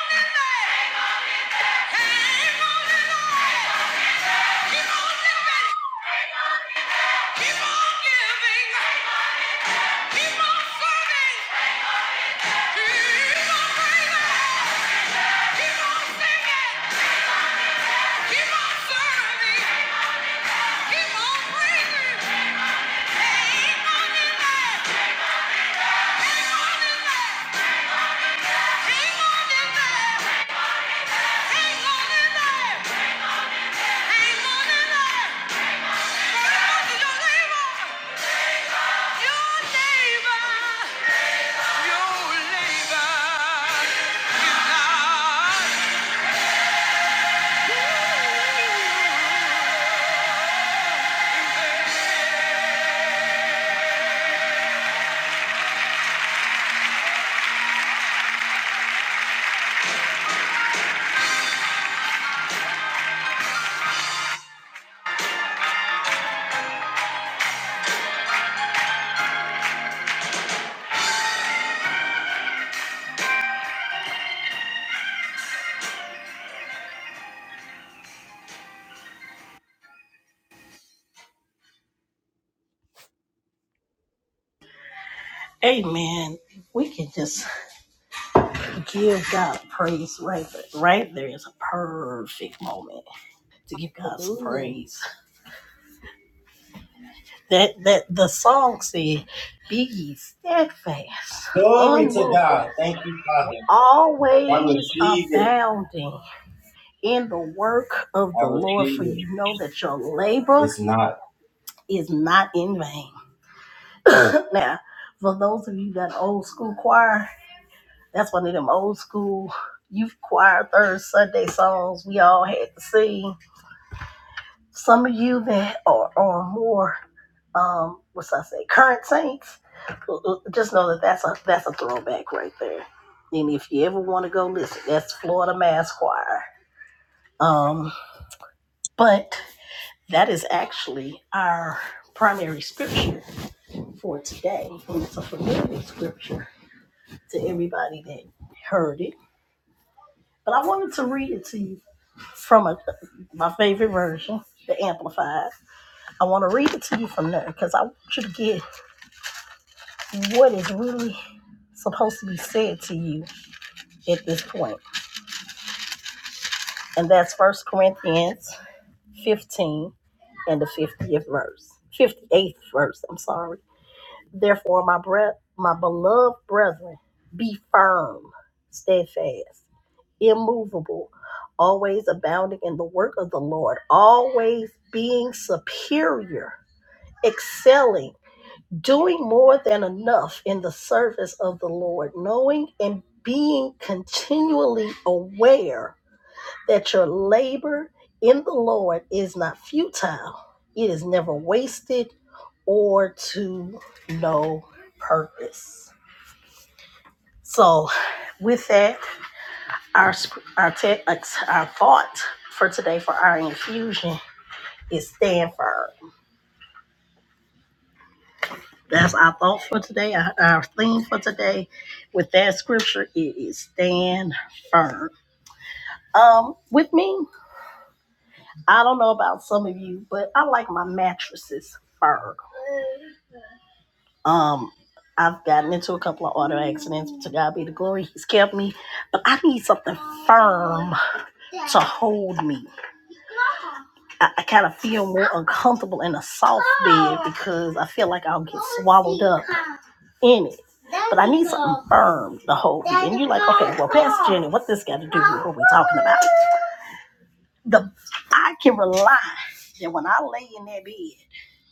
Speaker 5: your label!
Speaker 2: Amen. We can just give God praise right there. Right there is a perfect moment to give God some
Speaker 5: Hallelujah.
Speaker 2: praise. That that the song said, "Be ye steadfast,
Speaker 1: Glory to
Speaker 2: unmovable,
Speaker 1: God. Thank you, Father. I
Speaker 2: always
Speaker 1: received it.
Speaker 2: abounding in the work of
Speaker 1: I
Speaker 2: the Lord, for
Speaker 1: received it.
Speaker 2: you know that your labor
Speaker 1: It's not.
Speaker 2: is not in vain." <coughs> <clears throat> now, for those of you that old school choir, that's one of them old school youth choir third Sunday songs we all had to sing. Some of you that are, are more um, what's I say, current saints, uh, uh, just know that that's a that's a throwback right there. And if you ever want to go listen, that's Florida Mass Choir. Um, but that is actually our primary scripture for today, and it's a familiar scripture to everybody that heard it. But I wanted to read it to you from a, my favorite version, the Amplified. I want to read it to you from there because I want you to get what is really supposed to be said to you at this point. And that's First Corinthians 15 and the 50th verse. 58th verse, I'm sorry. Therefore, my breath, my beloved brethren, be firm, steadfast, immovable, always abounding in the work of the Lord, always being superior, excelling doing more than enough in the service of the Lord, knowing and being continually aware that your labor in the Lord is not futile, it is never wasted or to no purpose. So, with that, our sp- our text, our thought for today for our infusion is stand firm. That's our thought for today, our, our theme for today. With that scripture, it is stand firm. Um, with me, I don't know about some of you, but I like my mattresses firm. Um, I've gotten into a couple of auto accidents. To God be the glory, He's kept me, but I need something firm to hold me. I, I kind of feel more uncomfortable in a soft bed because I feel like I'll get swallowed up in it. But I need something firm to hold me. And you're like, okay, well, Pastor Jenny, what this got to do with what we're talking about? The I can rely that when I lay in that bed,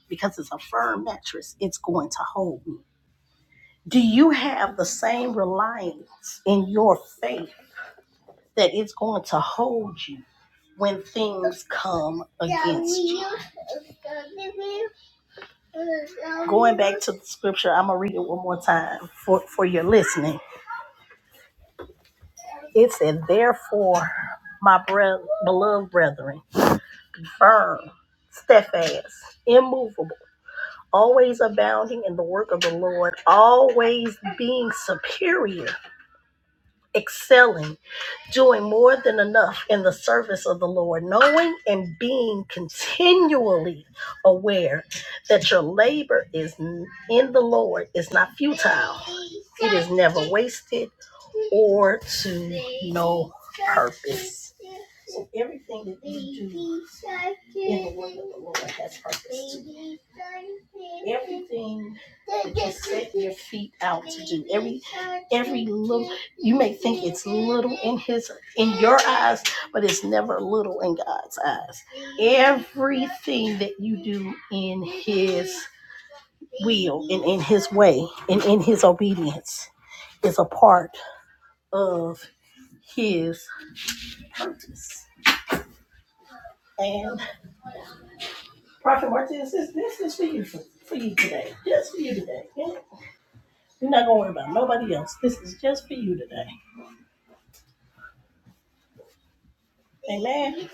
Speaker 2: because it's a firm mattress, it's going to hold me. Do you have the same reliance in your faith that it's going to hold you when things come against you. Going back to the scripture, I'm going to read it one more time for, for your listening. It said, Therefore, my brother, beloved brethren, firm, steadfast, immovable, always abounding in the work of the Lord, always being superior, excelling. doing more than enough in the service of the Lord, knowing and being continually aware that your labor is in the Lord is not futile. It is never wasted or to no purpose. So everything that you do in the work of the Lord has purpose to it. Everything that you set your feet out to do, every every little. You may think it's little in his in your eyes, but it's never little in God's eyes. Everything that you do in his will and in his way and in his obedience is a part of his and Prophet Martinez says, this is for you for, for you today. Just for you today. Yeah? You're not gonna worry about nobody else. This is just for you today. Amen.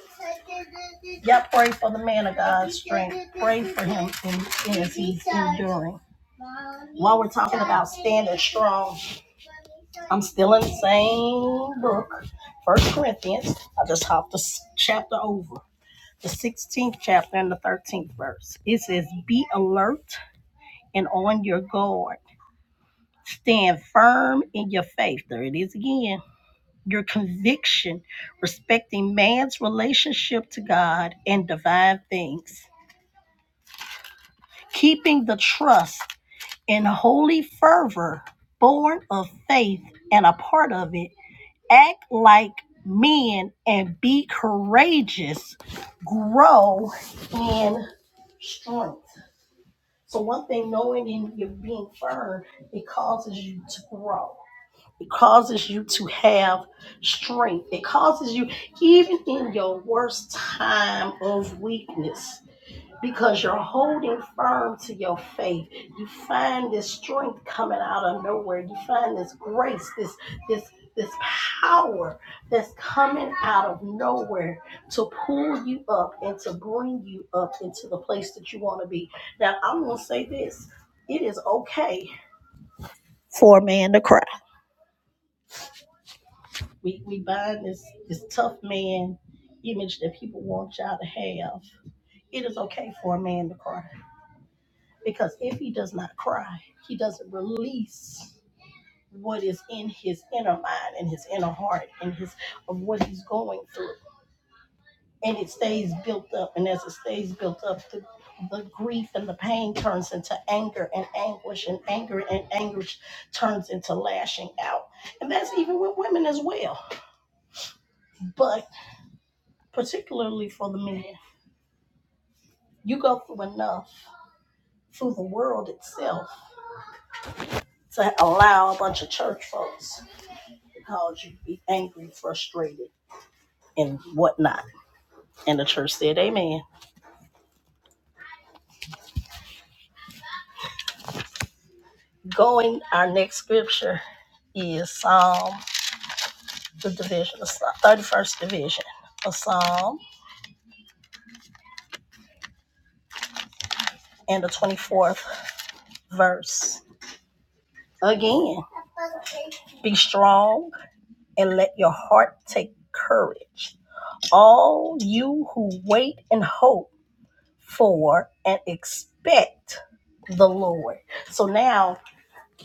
Speaker 2: Y'all pray for the man of God's strength. Pray for him in, as he's enduring. While we're talking about standing strong, I'm still in the same book, First Corinthians. I just hopped the chapter over, the 16th chapter and the 13th verse. It says, "Be alert and on your guard. Stand firm in your faith." There it is again your conviction respecting man's relationship to God and divine things, keeping the trust in holy fervor born of faith and a part of it. Act like men and be courageous. Grow in strength. So, one thing knowing and you being firm, it causes you to grow. It causes you to have strength. It causes you, even in your worst time of weakness, because you're holding firm to your faith. You find this strength coming out of nowhere. You find this grace, this this this power that's coming out of nowhere to pull you up and to bring you up into the place that you want to be. Now, I'm gonna say this: it is okay for a man to cry. We we bind this this tough man image that people want y'all to have. It is okay for a man to cry because if he does not cry, he doesn't release what is in his inner mind and his inner heart and his of what he's going through, and it stays built up. And as it stays built up, the the grief and the pain turns into anger and anguish and anger and anguish turns into lashing out and that's even with women as well but particularly for the men You go through enough through the world itself to allow a bunch of church folks to cause you to be angry, frustrated, and whatnot. And the church said, Amen. Going, our next scripture is Psalm, the division, the 31st division of Psalm, and the 24th verse. Again, be strong and let your heart take courage. All you who wait and hope for and expect the Lord. So now,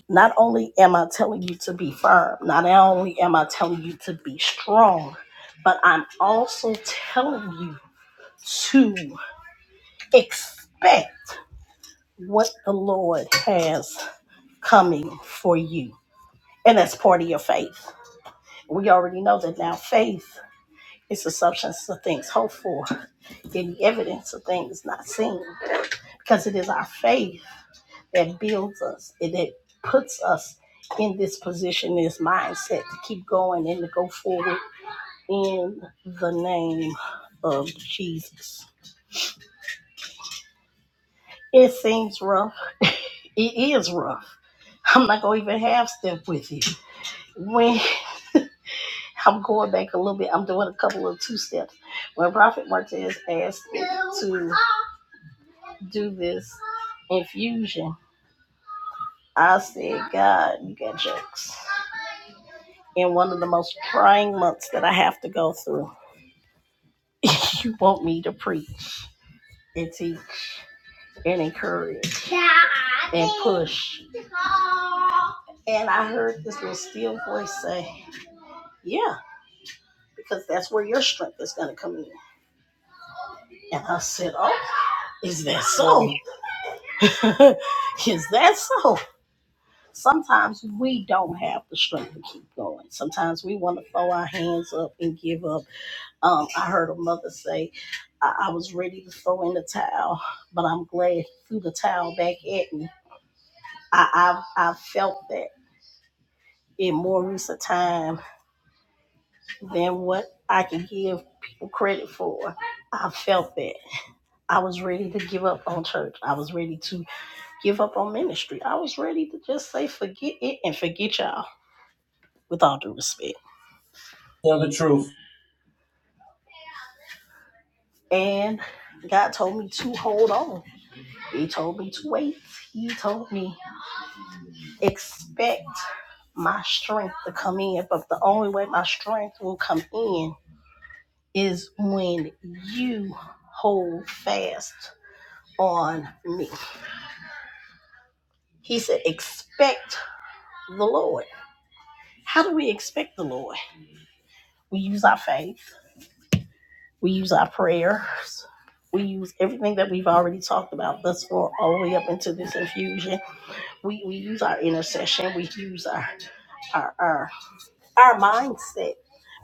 Speaker 2: not only am I telling you to be firm, not only am I telling you to be strong, but I'm also telling you to expect what the Lord has coming for you. And that's part of your faith. We already know that now faith is the substance of things hoped for, and the evidence of things not seen, because it is our faith that builds us and that puts us in this position, this mindset to keep going and to go forward in the name of Jesus. It seems rough. It is rough. I'm not gonna even half step with you. When I'm going back a little bit, I'm doing a couple of two steps. When Prophet Martez asked me to do this infusion, I said, God, you got jokes. In one of the most trying months that I have to go through, <laughs> you want me to preach and teach and encourage and push. And I heard this little still voice say, Yeah, because that's where your strength is going to come in. And I said, Oh, is that so? <laughs> is that so? sometimes we don't have the strength to keep going. Sometimes we want to throw our hands up and give up. Um, I heard a mother say, I-, I was ready to throw in the towel, but I'm glad he threw the towel back at me. I- I've, I've felt that in more recent time than what I can give people credit for. I felt that. I was ready to give up on church. I was ready to give up on ministry. I was ready to just say, forget it and forget y'all, with all due respect.
Speaker 1: Tell the truth.
Speaker 2: And God told me to hold on. He told me to wait. He told me, expect my strength to come in. But the only way my strength will come in is when you hold fast on me. He said, expect the Lord. How do we expect the Lord? We use our faith, we use our prayers, we use everything that we've already talked about thus far, all the way up into this infusion We, we use our intercession. We use our, our our our mindset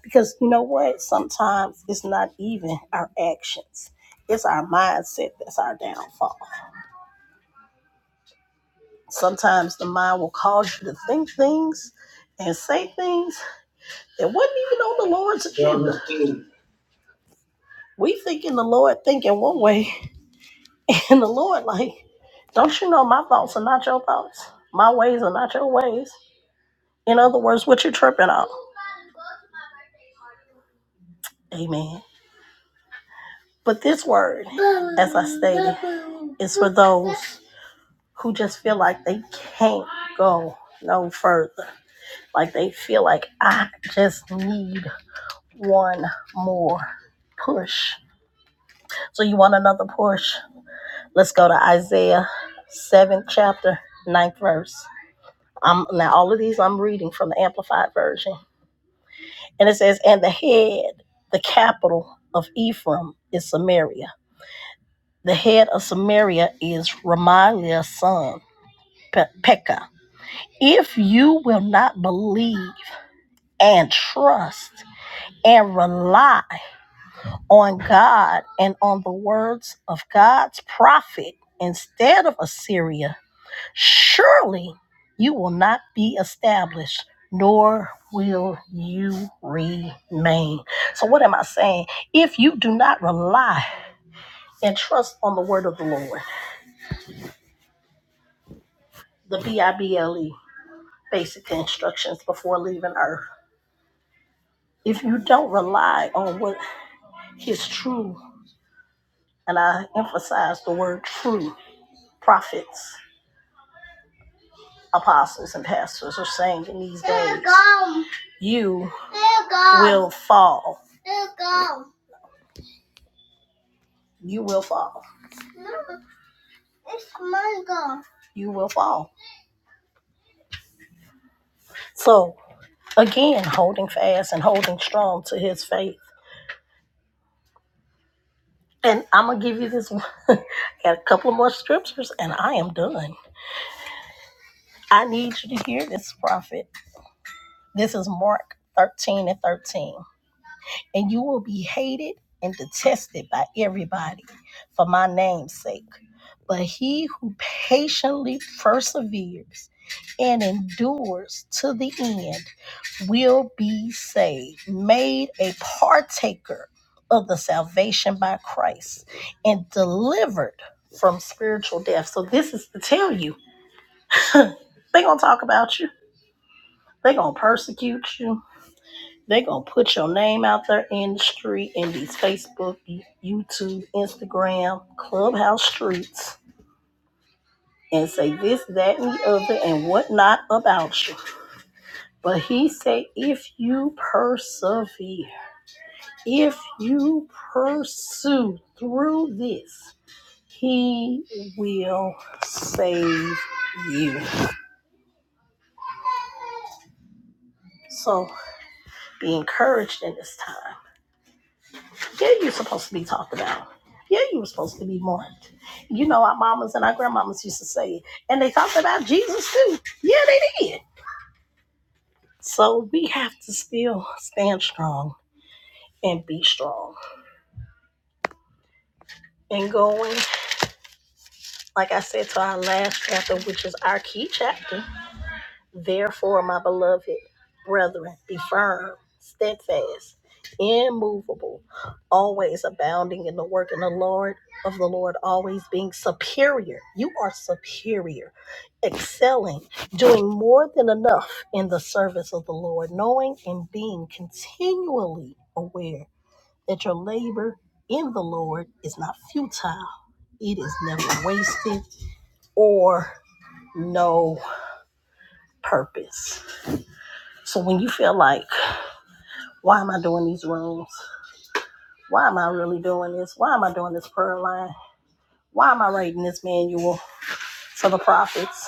Speaker 2: because you know what? Sometimes it's not even our actions. It's our mindset that's our downfall. Sometimes the mind will cause you to think things and say things that wasn't even on the Lord's
Speaker 1: Tell
Speaker 2: agenda.
Speaker 1: the truth.
Speaker 2: We thinking the Lord thinking one way, <laughs> and the Lord like, don't you know my thoughts are not your thoughts? My ways are not your ways. In other words, what you tripping on? Amen. But this word, as I stated, is for those who just feel like they can't go no further. Like they feel like I just need one more push. So you want another push? Let's go to Isaiah 7th chapter, ninth verse. I'm now all of these I'm reading from the amplified version. And it says, And the head, the capital of Ephraim is Samaria The head of Samaria is Ramaliah's son, Pe- Pekah. If you will not believe and trust and rely on God and on the words of God's prophet instead of Assyria, surely you will not be established, nor will you remain. So, what am I saying? If you do not rely and trust on the word of the Lord, the B I B L E. basic instructions before leaving Earth. If you don't rely on what his true, and I emphasize the word true, prophets, apostles, and pastors are saying in these days, you will fall. You will fall. You will fall. So, again, holding fast and holding strong to his faith. And I'm going to give you this one. <laughs> Got a couple of more scriptures, and I am done. I need you to hear this, prophet. This is Mark 13 and 13. And you will be hated and detested by everybody for my name's sake. But he who patiently perseveres and endures to the end will be saved, made a partaker of the salvation by Christ, and delivered from spiritual death. So, this is to tell you, <laughs> they're going to talk about you They gonna persecute you. They gonna put your name out there in the street in these Facebook, YouTube, Instagram, Clubhouse streets, and say this, that, and the other, and whatnot about you. But he said, if you persevere, if you pursue through this, he will save you. So be encouraged in this time. Yeah, you're supposed to be talked about. Yeah, you were supposed to be mourned. You know, our mamas and our grandmamas used to say it. And they talked about Jesus too. Yeah, they did. So we have to still stand strong and be strong. And going, like I said, to our last chapter, which is our key chapter. Therefore, my beloved brethren, be firm, steadfast, immovable, always abounding in the work in the Lord of the Lord, always being superior. You are superior, excelling, doing more than enough in the service of the Lord, knowing and being continually aware that your labor in the Lord is not futile, it is never wasted or no purpose. So when you feel like, why am I doing these rooms? Why am I really doing this? Why am I doing this prayer line? Why am I writing this manual for the prophets?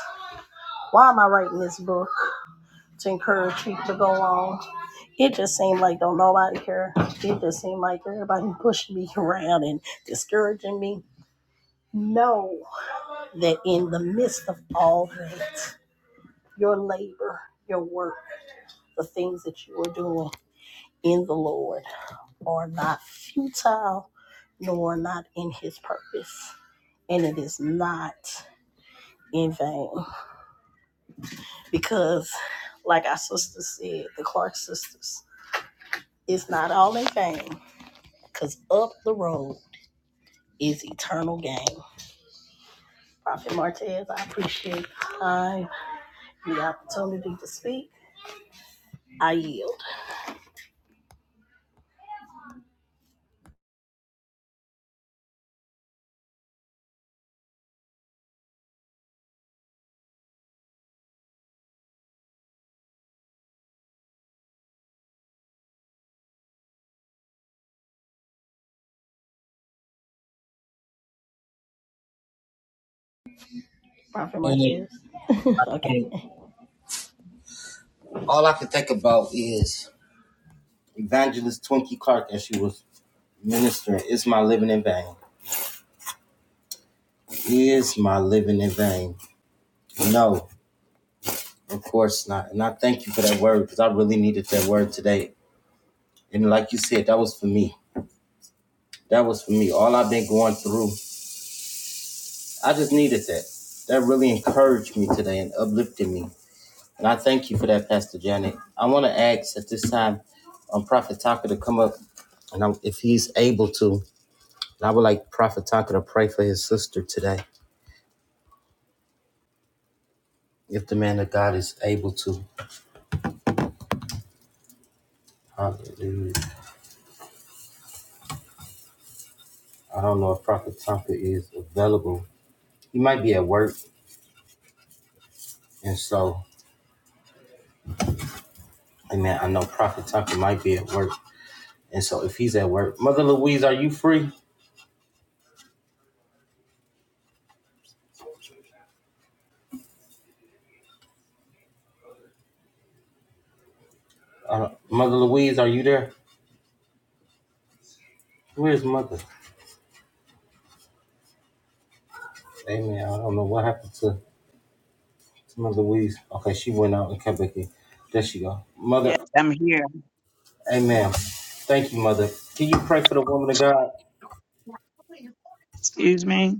Speaker 2: Why am I writing this book to encourage people to go on? It just seemed like don't nobody care. It just seemed like everybody pushing me <laughs> around and discouraging me. Know that in the midst of all that, your labor, your work, the things that you are doing in the Lord. are not futile nor not in his purpose. And it is not in vain. Because, like our sister said, the Clark sisters, it's not all in vain. Because up the road is eternal gain. Prophet Martez, I appreciate the time, the opportunity to speak. I yield. Prophet Martez. <laughs> okay.
Speaker 1: All I can think about is Evangelist Twinkie Clark as she was ministering. Is my living in vain? Is my living in vain? No, of course not. And I thank you for that word because I really needed that word today And like you said, that was for me. That was for me. All I've been going through, I just needed that. That really encouraged me today and uplifted me. And I thank you for that, Pastor Janet. I want to ask at this time, um, Prophet Tucker to come up, and I'm, if he's able to, and I would like Prophet Tucker to pray for his sister today, if the man of God is able to. Hallelujah. I don't know if Prophet Tucker is available. He might be at work, and so, Amen. I know Prophet Tucker might be at work. And so if he's at work, Mother Louise, are you free? Uh, Mother Louise, are you there? Where's Mother? Amen. I don't know what happened to, to Mother Louise. Okay, she went out and came back in. There she go.
Speaker 3: Yes,
Speaker 1: Mother,
Speaker 3: I'm here.
Speaker 1: amen. Thank you, Mother. Can you pray for the woman of God?
Speaker 3: Excuse me.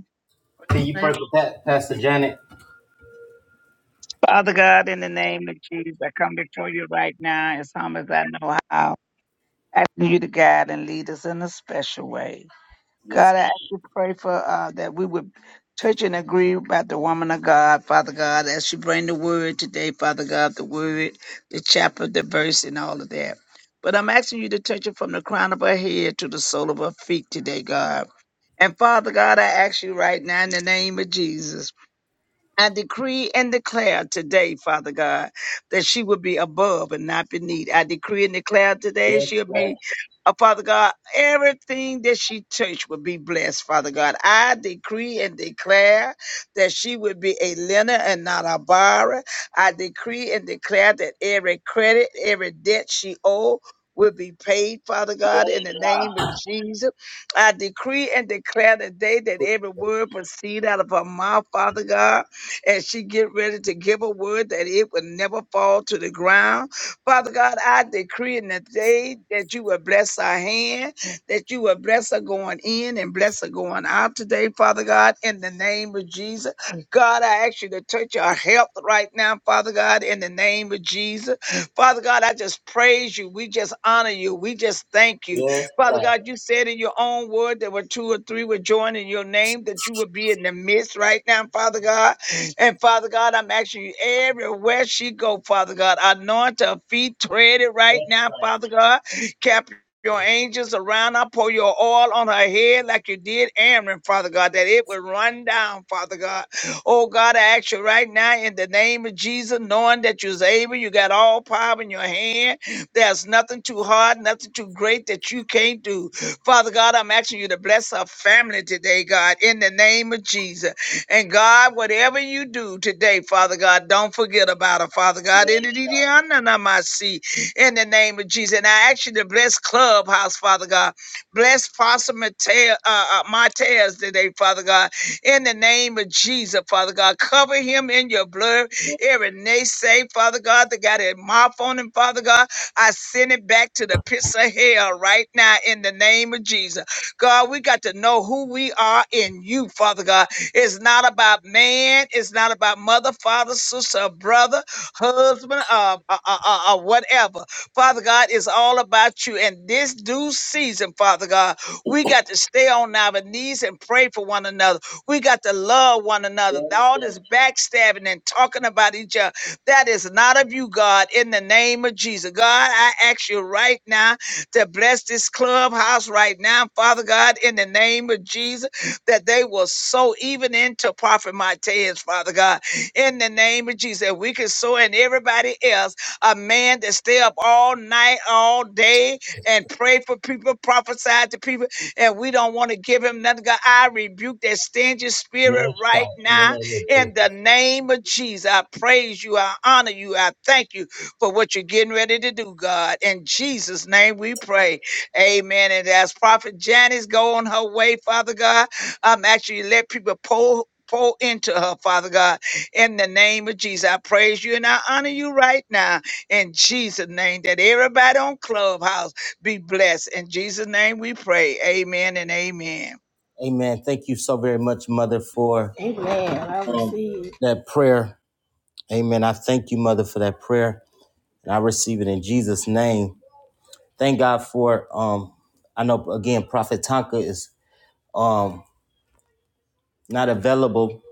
Speaker 1: Can you pray for that, Pastor Janet?
Speaker 3: Father God, in the name of Jesus, I come before you right now as humble as I know how, asking you to guide and lead us in a special way. God, I ask you to pray for uh, that we would touch and agree about the woman of God, Father God, as you bring the word today, Father God, the word, the chapter, the verse, and all of that. But I'm asking you to touch it from the crown of her head to the sole of her feet today, God. And Father God, I ask you right now in the name of Jesus. I decree and declare today, Father God, that she will be above and not beneath. I decree and declare today she'll be, uh, Father God, everything that she touch will be blessed, Father God. I decree and declare that she would be a lender and not a borrower. I decree and declare that every credit, every debt she owe will be paid, Father God, in the name of Jesus. I decree and declare today that every word proceed out of her mouth, Father God as she get ready to give a word that it will never fall to the ground. Father God, I decree in the day that you will bless our hand, that you will bless her going in and bless her going out today, Father God, in the name of Jesus. God, I ask you to touch our health right now, Father God, in the name of Jesus. Father God, I just praise you. We just honor you. We just thank you.
Speaker 1: Yes,
Speaker 3: Father
Speaker 1: God.
Speaker 3: God, you said in your own word there were two or three were joined in your name that you would be in the midst right now, Father God. And Father God, I'm asking you everywhere she go, Father God, anoint her feet, tread it right now, Father God. Cap your angels around her, pour your oil on her head like you did Aaron, Father God, that it would run down, Father God. Oh God, I ask you right now in the name of Jesus, knowing that you're able, you got all power in your hand. There's nothing too hard, nothing too great that you can't do. Father God, I'm asking you to bless our family today, God, in the name of Jesus. And God, whatever you do today, Father God, don't forget about her, Father God. In the DDNNMIC, in the name of Jesus. And I ask you to bless Clubhouse, Father God. Bless Pastor Mate- uh, uh, Martez today, Father God. In the name of Jesus, Father God. Cover him in your blood. Every naysay, Father God, that got a mouth on him, Father God. I send it back to the pits of hell right now in the name of Jesus. God, we got to know who we are in you, Father God. It's not about man. It's not about mother, father, sister, or brother, husband, uh, uh, uh, uh, uh, whatever. Father God, it's all about you. And this due season, Father God, we got to stay on our knees and pray for one another. We got to love one another. All this backstabbing and talking about each other, that is not of you, God, in the name of Jesus. God, I ask you right now to bless this clubhouse right now, Father God, in the name of Jesus that they will sow even into Prophet Mateus, Father God, in the name of Jesus. That we can sow in everybody else, a man that stay up all night, all day, and pray for people, prophesy to people, and we don't want to give him nothing. God, I rebuke that stingy spirit right
Speaker 1: In the name
Speaker 3: now
Speaker 1: of
Speaker 3: in
Speaker 1: Jesus.
Speaker 3: the name of Jesus. I praise you, I honor you, I thank you for what you're getting ready to do, God. In Jesus' name we pray. Amen. And as Prophet Janice go on her way, Father God. I'm actually let people pour pour into her, Father God, in the name of Jesus. I praise you and I honor you right now in Jesus' name. That everybody on Clubhouse be blessed. In Jesus' name we pray. Amen and amen.
Speaker 1: Amen. Thank you so very much, Mother, for
Speaker 2: Amen. I
Speaker 1: um,
Speaker 2: receive.
Speaker 1: that prayer. Amen. I thank you, Mother, for that prayer. And I receive it in Jesus' name. thank God for um I know again Prophet Tonka is um not available.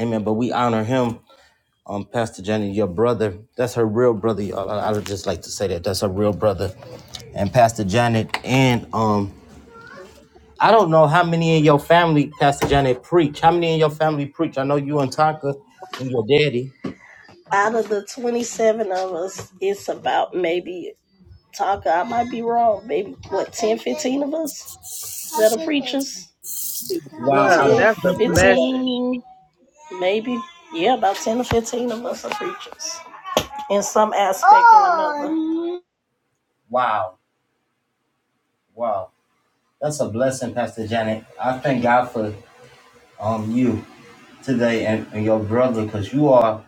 Speaker 1: Amen. But we honor him. Um Pastor Jenny, your brother. That's her real brother, y'all. I, I would just like to say that. That's her real brother. And Pastor Janet and um I don't know how many in your family, Pastor Janet, preach. How many in your family preach? I know you and Tonka and your daddy.
Speaker 2: Out of the 27 of us, it's about maybe Taka, I might be wrong. Maybe, what, 10, 15 of us that are preachers?
Speaker 3: Yeah,
Speaker 1: Wow,
Speaker 2: 10,
Speaker 3: that's a blessing.
Speaker 2: 15, maybe. Yeah, about 10 or 15 of us are preachers in some aspect oh. or another.
Speaker 1: wow. wow. That's a blessing, Pastor Janet. I thank God for um you today and, and your brother because you are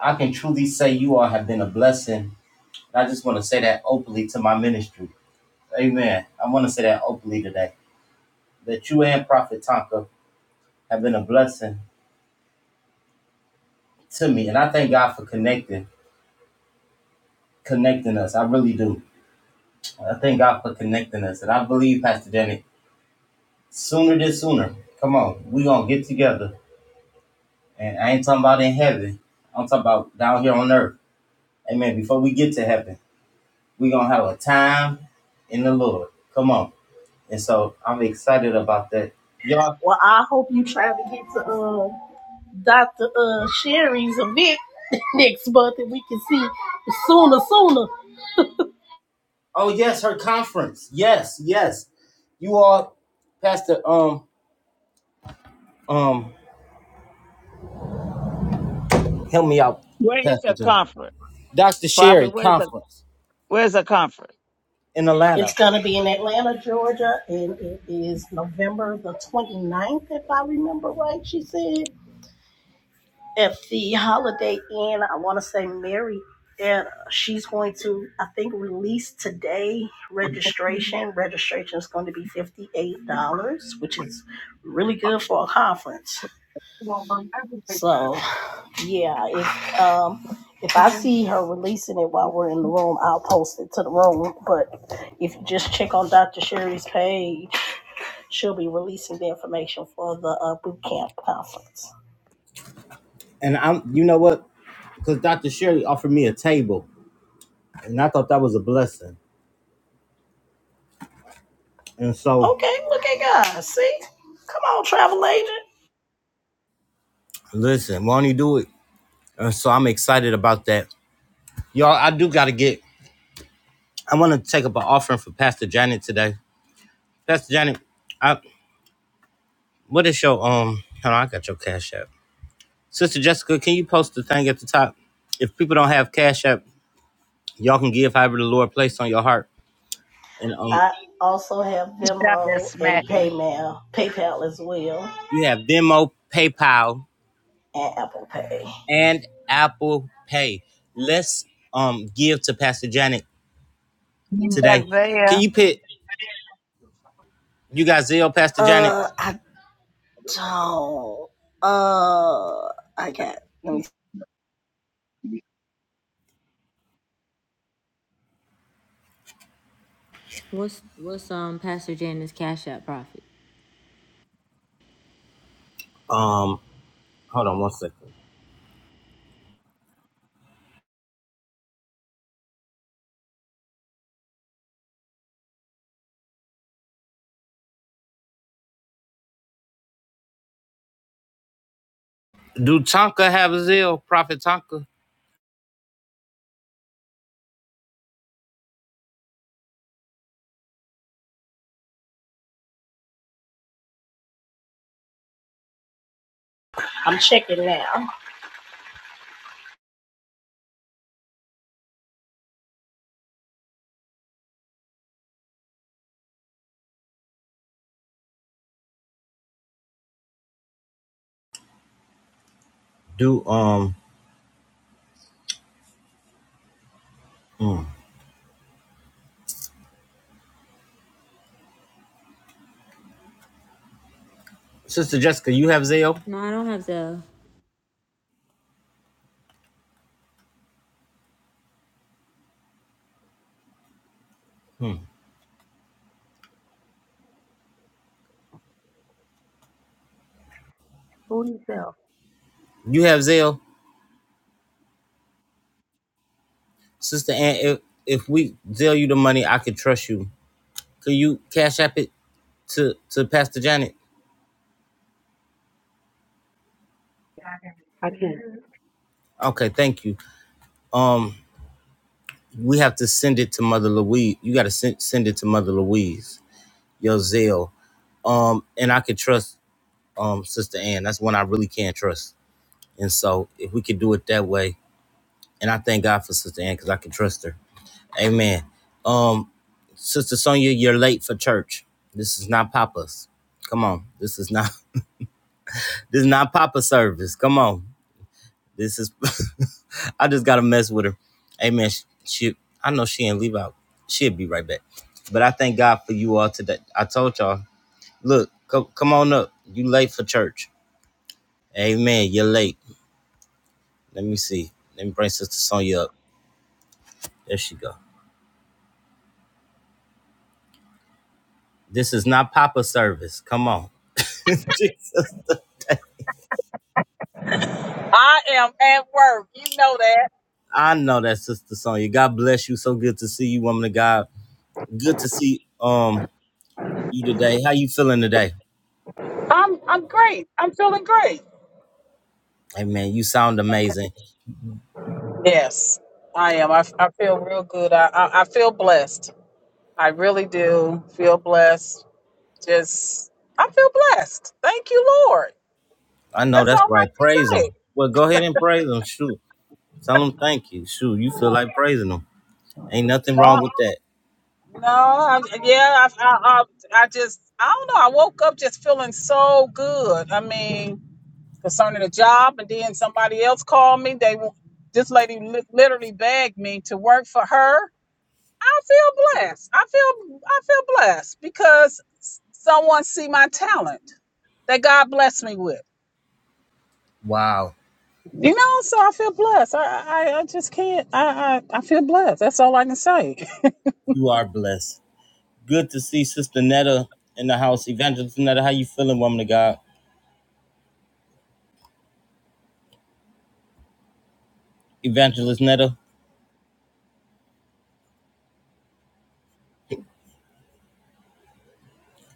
Speaker 1: I can truly say you all have been a blessing. And I just want to say that openly to my ministry. Amen. I want to say that openly today. That you and Prophet Tonka have been a blessing to me. And I thank God for connecting, connecting us. I really do. I thank God for connecting us. And I believe, Pastor Janet, sooner than sooner, come on, we going to get together. And I ain't talking about in heaven. I'm talking about down here on earth. Amen. Before we get to heaven. We're gonna have a time in the Lord. Come on. And so I'm excited about that. Y'all
Speaker 2: Well, I hope you try to get to uh, Dr. Uh, Sherry's event <laughs> next month and we can see sooner, sooner.
Speaker 1: oh yes, her conference. Yes, yes. You all Pastor um um help me out,
Speaker 3: Where is
Speaker 1: Pastor
Speaker 3: her
Speaker 1: Jim.
Speaker 3: comfort?
Speaker 1: Dr.
Speaker 3: Prophet,
Speaker 1: Sherry
Speaker 3: where's her,
Speaker 1: conference
Speaker 3: where's her comfort?
Speaker 1: in Atlanta.
Speaker 2: It's going to be in Atlanta, Georgia, and it is November the twenty-ninth, if I remember right, she said. at the Holiday Inn. I want to say Mary, and she's going to, I think, release today registration. Registration is going to be $58, which is really good for a conference. So, yeah, if, um, if I see her releasing it while we're in the room, I'll post it to the room. But if you just check on Dr. Sherry's page, she'll be releasing the information for the uh, boot camp conference.
Speaker 1: And I'm you know what? Because Dr. Sherry offered me a table and I thought that was a blessing. And so
Speaker 2: Okay, look at God. See? Come on, travel agent.
Speaker 1: listen, won't he do it? And so I'm excited about that. Y'all, I do gotta get I want to take up an offering for Pastor Janet today. That's Janet. I, what is your um? Hold on, I got your cash app. Sister Jessica, can you post the thing at the top? If people don't have cash app, y'all can give however the Lord placed on your heart. And um,
Speaker 2: I also have
Speaker 3: Stop that
Speaker 2: Venmo and
Speaker 3: smacking.
Speaker 2: PayMail, PayPal as well,
Speaker 1: you have Venmo, PayPal,
Speaker 2: and Apple Pay.
Speaker 1: and Apple Pay. Let's um give to Pastor Janet
Speaker 5: You
Speaker 3: She's
Speaker 5: want me
Speaker 3: not
Speaker 1: today.
Speaker 5: to?
Speaker 3: there.
Speaker 1: Can you put you got Zelle, Pastor Janet?
Speaker 2: Uh, I don't. Uh, I got. Let me. see.
Speaker 5: What's what's um Pastor Janice Cash App Profit?
Speaker 1: Um, hold on one second. Do Tonka have Zelle? Prophet Tonka,
Speaker 2: I'm checking now.
Speaker 1: Sister Jessica, you have Zelle.
Speaker 5: No, I don't have the.
Speaker 6: Who is Elf?
Speaker 1: You have Zelle. Sister Ann, if, if we deal you the money, I could trust you. Could you cash app it to, to Pastor Janet?
Speaker 6: I can't.
Speaker 1: Okay, thank you. Um, we have to send it to Mother Louise. You got to send, send it to Mother Louise, your zeal. Um, and I could trust um Sister Ann. That's one I really can't trust. And so if we could do it that way, and I thank God for Sister Ann because I can trust her. Amen. Um, Sister Sonia, you're late for church. This is not Papa's. Come on, this is not <laughs> this is not Papa service. Come on. This is, <laughs> I just gotta mess with her. Amen. she, she- I know she ain't leave out. She'll be right back. But I thank God for you all today. I told y'all, look, co- come on up. You late for church. Amen. You're late. Let me see. Let me bring Sister Sonya up. There she go. This is not Papa service. Come on. Jesus.
Speaker 7: I am at work. You know that.
Speaker 1: I know that Sister Sonya. God bless you. So good to see you, woman of God. Good to see um you today. How you feeling today?
Speaker 7: I'm I'm great. I'm feeling great.
Speaker 1: Hey man, you sound amazing.
Speaker 7: Yes, I am. I, I feel real good. I, I I feel blessed. I really do feel blessed. Just I feel blessed. Thank you, Lord.
Speaker 1: I know
Speaker 7: That's
Speaker 1: that's
Speaker 7: all I
Speaker 1: right. Praise
Speaker 7: can
Speaker 1: him.
Speaker 7: say.
Speaker 1: Well, go ahead and praise him. Shoot. Tell him thank you. Shoot. You feel like praising him. Ain't nothing wrong
Speaker 7: No,
Speaker 1: with that.
Speaker 7: no. I, yeah, I, I I I just I don't know. I woke up just feeling so good. I mean, concerning the job, and then somebody else called me. They this lady li- literally begged me to work for her I feel blessed. I feel I feel blessed because someone see my talent that God blessed me with.
Speaker 1: Wow.
Speaker 7: You know, so I feel blessed. I I, I just can't. I, I I feel blessed. That's all I can say.
Speaker 1: You are blessed. Good to see Sister Netta in the house. Evangelist Netta, how you feeling, woman of God? Evangelist Netta.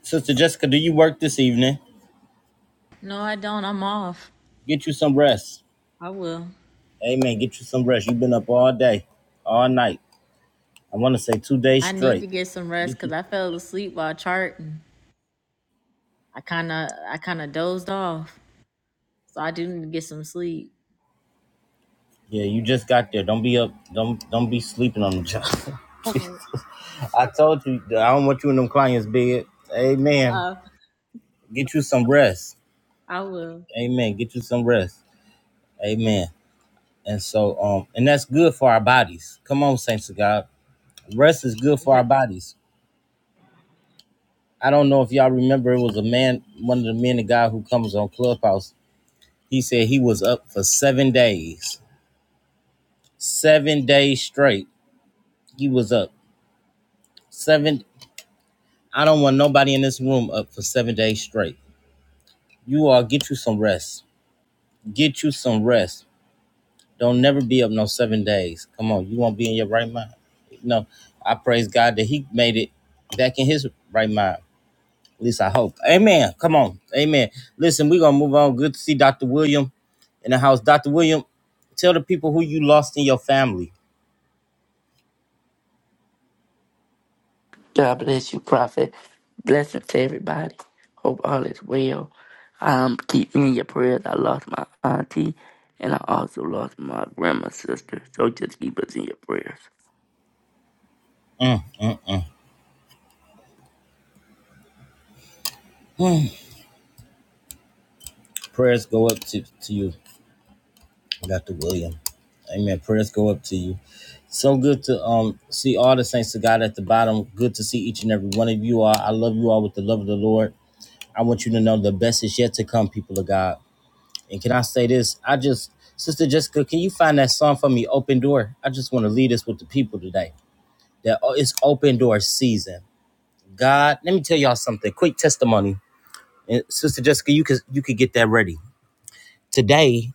Speaker 1: Sister Jessica, do you work this evening?
Speaker 5: No, I don't. I'm off.
Speaker 1: Get you some rest.
Speaker 5: I will.
Speaker 1: Amen. Get you some rest. You've been up all day, all night. I want to say two days
Speaker 5: I need
Speaker 1: straight.
Speaker 5: to get some rest
Speaker 1: Get
Speaker 5: because
Speaker 1: you
Speaker 5: I fell asleep while charting. I kind of I kind of dozed off, so I do need to get some sleep.
Speaker 1: Yeah, you just got there. Don't be up. Don't don't be sleeping on the job.
Speaker 5: Okay.
Speaker 1: <laughs> I told you I don't want you in them clients' bed. Amen.
Speaker 5: Uh,
Speaker 1: Get you some rest.
Speaker 5: I will.
Speaker 1: Amen. Get you some rest. Amen. And so, um, and that's good for our bodies. Come on, saints of God. Rest is good
Speaker 7: <laughs>
Speaker 1: for our bodies. I don't know if y'all remember, it was a man, one of the men of God who comes on Clubhouse. He said he was up for seven days, seven days straight. He was up seven. I don't want nobody in this room up for seven days straight. You all get you some rest. Get you some rest. Don't never be up no seven days. Come on, you won't be in your right mind. No, I praise God that He made it back in His right mind. At least I hope. Amen. Come on. Amen. Listen, we're gonna move on. Good to see Dr. William in the house. Dr. William, tell the people who you lost in your family.
Speaker 4: God bless you, Prophet. Blessings to everybody. Hope all is well. Um, keep me in your prayers. I lost my auntie and I also lost my grandma's sister. So just keep us in your prayers.
Speaker 1: Prayers go up to, to you. Dr. William. Amen. Prayers go up to you. So good to um see all the saints of God at the bottom. Good to see each and every one of you all. I love you all with the love of the Lord. I want you to know the best is yet to come, people of God. And can I say this? I just, Sister Jessica, can you find that song for me, Open Door? I just want to lead us with the people today. That oh, it's open door season. God, let me tell y'all something. Quick testimony. And Sister Jessica, you could you could get that ready. Today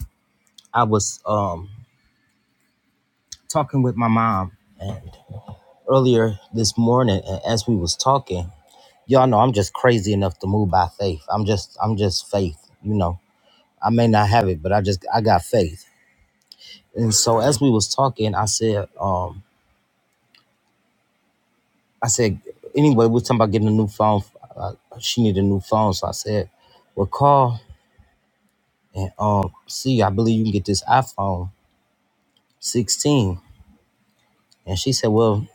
Speaker 1: I was um talking with my mom. and. earlier this morning a- as we was talking y'all know i'm just crazy enough to move by faith i'm just i'm just faith you know i may not have it but i just i got faith and so as we was talking i said um i said anyway we was talking about getting a new phone uh, she needed a new phone so i said well call and um see i believe you can get this iphone 16 and she said well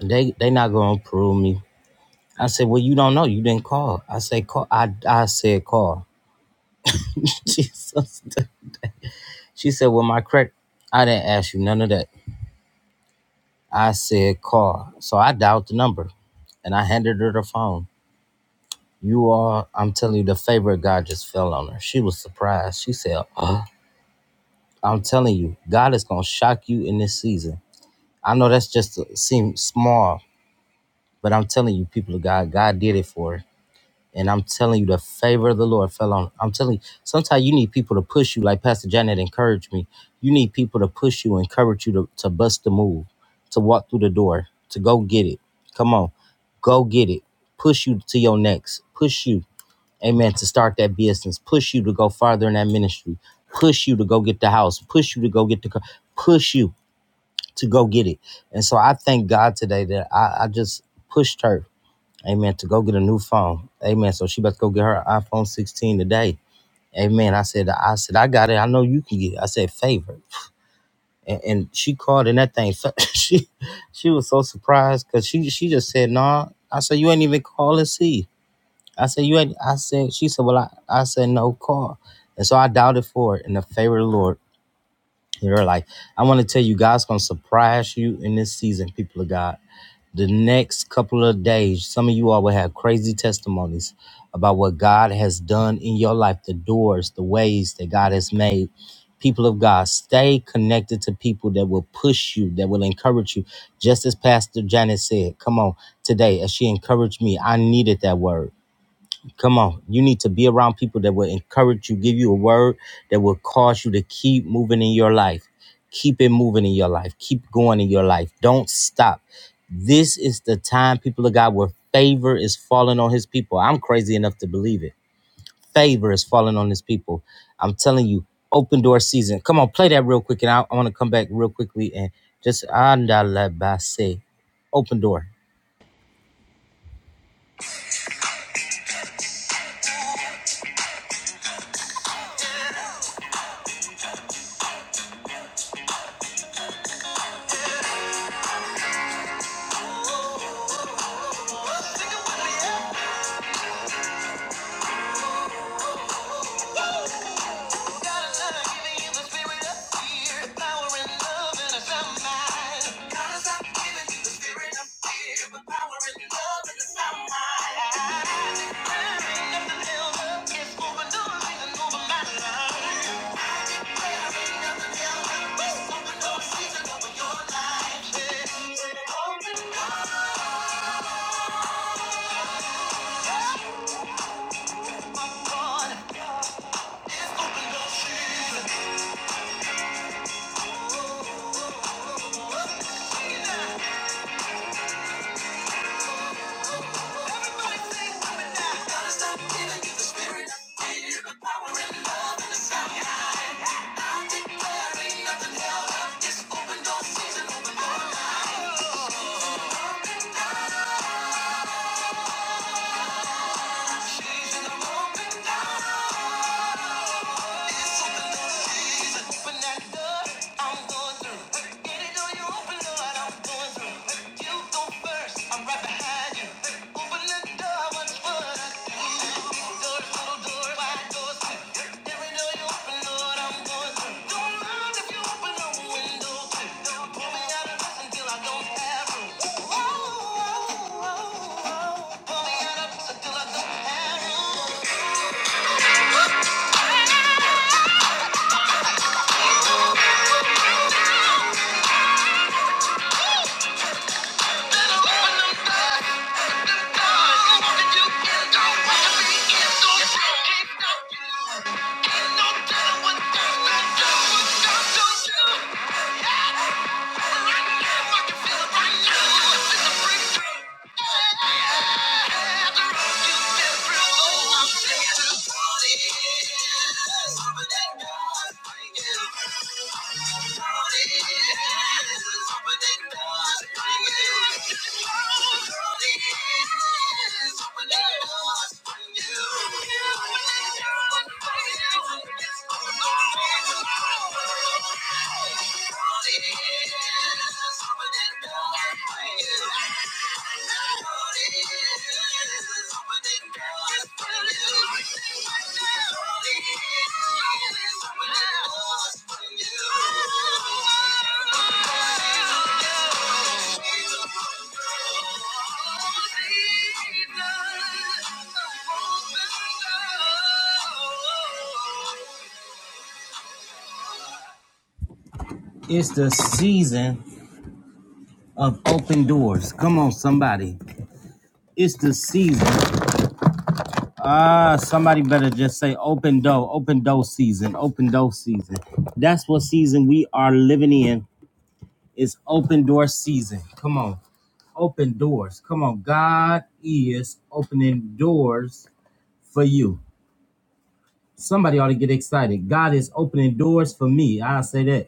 Speaker 1: they they not gonna approve me i said well you don't know you didn't call i said call i, I said call <laughs> jesus She said, Well, my credit, I didn't ask you none of that. I said, Call. So I dialed the number and I handed her the phone. You are, I'm telling you, the favor of God just fell on her. She was surprised. She said, "Huh?" I'm telling you, God is going to shock you in this season. I know that's just seems small, but I'm telling you, people of God, God did it for her. And I'm telling you, the favor of the Lord fell on. I'm telling you, sometimes you need people to push you, like Pastor Janet encouraged me. You need people to push you, encourage you to, to bust the move, to walk through the door, to go get it. Come on, go get it. Push you to your next. Push you, amen, to start that business. Push you to go farther in that ministry. Push you to go get the house. Push you to go get the car. Push you to go get it. And so I thank God today that I, I just pushed her Amen. To go get a new phone. Amen. So she about to go get her iPhone 16 today. Amen. I said, I said, I got it. I know you can get it. I said, favorite. And, and she called and that thing, <laughs> she she was so surprised because she she just said, no. Nah. I said, you ain't even call and see. I said, you ain't. I said, she said, well, I, I said, no, call. And so I doubted for it and the favor of the Lord. You're like, I want to tell you, God's going to surprise you in this season, people of God. The next couple of days, some of you all will have crazy testimonies about what God has done in your life, the doors, the ways that God has made. People of God, stay connected to people that will push you, that will encourage you. Just as Pastor Janet said, come on, today, as she encouraged me, I needed that word. Come on. You need to be around people that will encourage you, give you a word that will cause you to keep moving in your life. Keep it moving in your life. Keep going in your life. Don't stop. This is the time, people of God, where favor is falling on his people. I'm crazy enough to believe it. Favor is falling on his people. I'm telling you, open door season. Come on, play that real quick. And I, I want to come back real quickly and just andalabase. Open door.
Speaker 5: Open up, season of open up. Open that door, I'm going through. Get it open Lord, I'm going through. You go first, I'm right behind you. Open the door, what's what I do? Doors, little doors, wide doors. Get it on you, open Lord, I'm going through. Don't mind if you open a window too. Pull me out of this until I don't have room. Oh, oh, oh, oh. Pull me out of this until I don't have room. Better open them doors. What can you do? What can we do? Can't stop you. Can't no telling what's gonna do. What's gonna do? Yeah. Thank you. Thank you.
Speaker 1: It's the season of open doors. Come on, somebody. It's the season. Ah, somebody better just say open door, open door season, open door season. That's what season we are living in. It's open door season. Come on. Open doors. Come on. God is opening doors for you. Somebody ought to get excited. God is opening doors for me. I'll say that.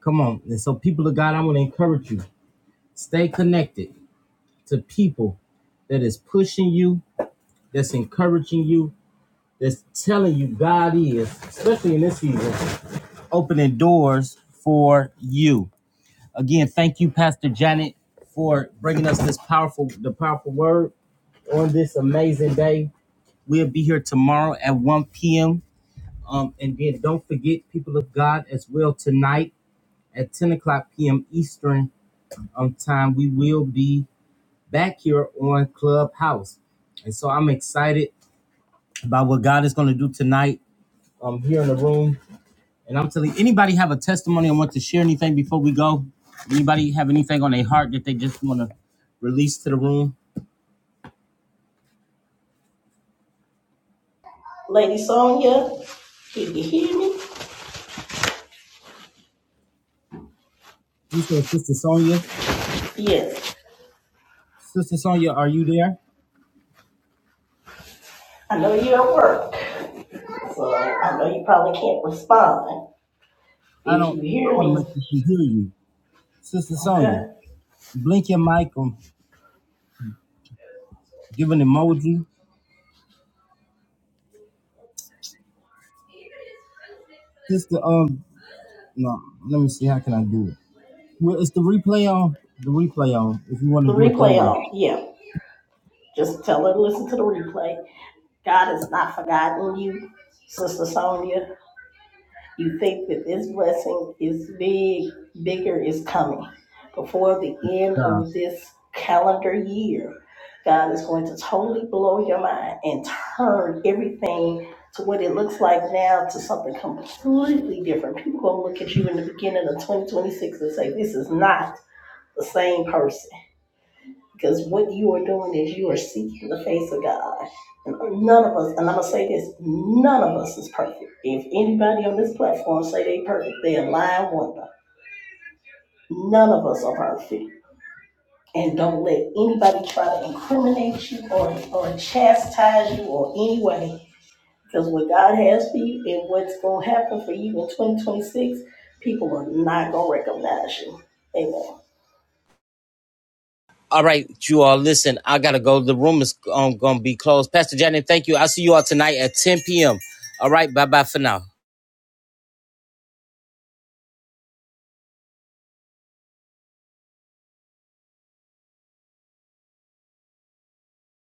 Speaker 1: Come on. And so, people of God, I want to encourage you. Stay connected to people that is pushing you, that's encouraging you, that's telling you God is, especially in this season, opening doors for you. Again, thank you, Pastor Janet, for bringing us this powerful, the powerful word on this amazing day. We'll be here tomorrow at 1 p.m. Um, and then don't forget, people of God, as well tonight at 10 o'clock p.m. Eastern um, time, we will be back here on Clubhouse. And so I'm excited about what God is going to do tonight um, here in the room And I'm telling you, anybody have a testimony and want to share anything before we go? Anybody have anything on their heart that they just want to release to the room?
Speaker 2: Lady Sonya, can you hear me?
Speaker 1: You said, Sister Sonia.
Speaker 2: Yes.
Speaker 1: Sister Sonia, are you there?
Speaker 2: I know you're at work, so I know you probably can't respond.
Speaker 1: I
Speaker 2: If
Speaker 1: don't.
Speaker 2: you
Speaker 1: I
Speaker 2: hear
Speaker 1: want to
Speaker 2: me,
Speaker 1: make sure she hear you. Sister Sonia,
Speaker 2: okay.
Speaker 1: blink your mic and give an emoji. Sister, um, no. Let me see. How can I do it? Well, it's the replay on. The replay on. If you want to
Speaker 2: The
Speaker 1: do it that
Speaker 2: replay
Speaker 1: way.
Speaker 2: on. Yeah. Just tell her to listen to the replay. God has not forgotten you, Sister Sonia. You think that this blessing is big, bigger is coming. Before the end of this calendar year, God is going to totally blow your mind and turn everything to what it looks like now to something completely different. People going to look at you in the beginning of 2026 and say, This is not the same person. Because what you are doing is you are seeking the face of God. And none of us, and I'm gonna say this, none of us is perfect. If anybody on this platform say they perfect, they're a lying wonder. None of us are perfect. And don't let anybody try to incriminate you or, or chastise you or any way. Because what God has for you and what's gonna happen for you in 2026, people are not gonna recognize you. Amen.
Speaker 1: All right, you all listen. I gotta go. The room is um, gonna be closed. Pastor Janet, thank you. I'll see you all tonight at 10 p.m. All right, bye bye for now.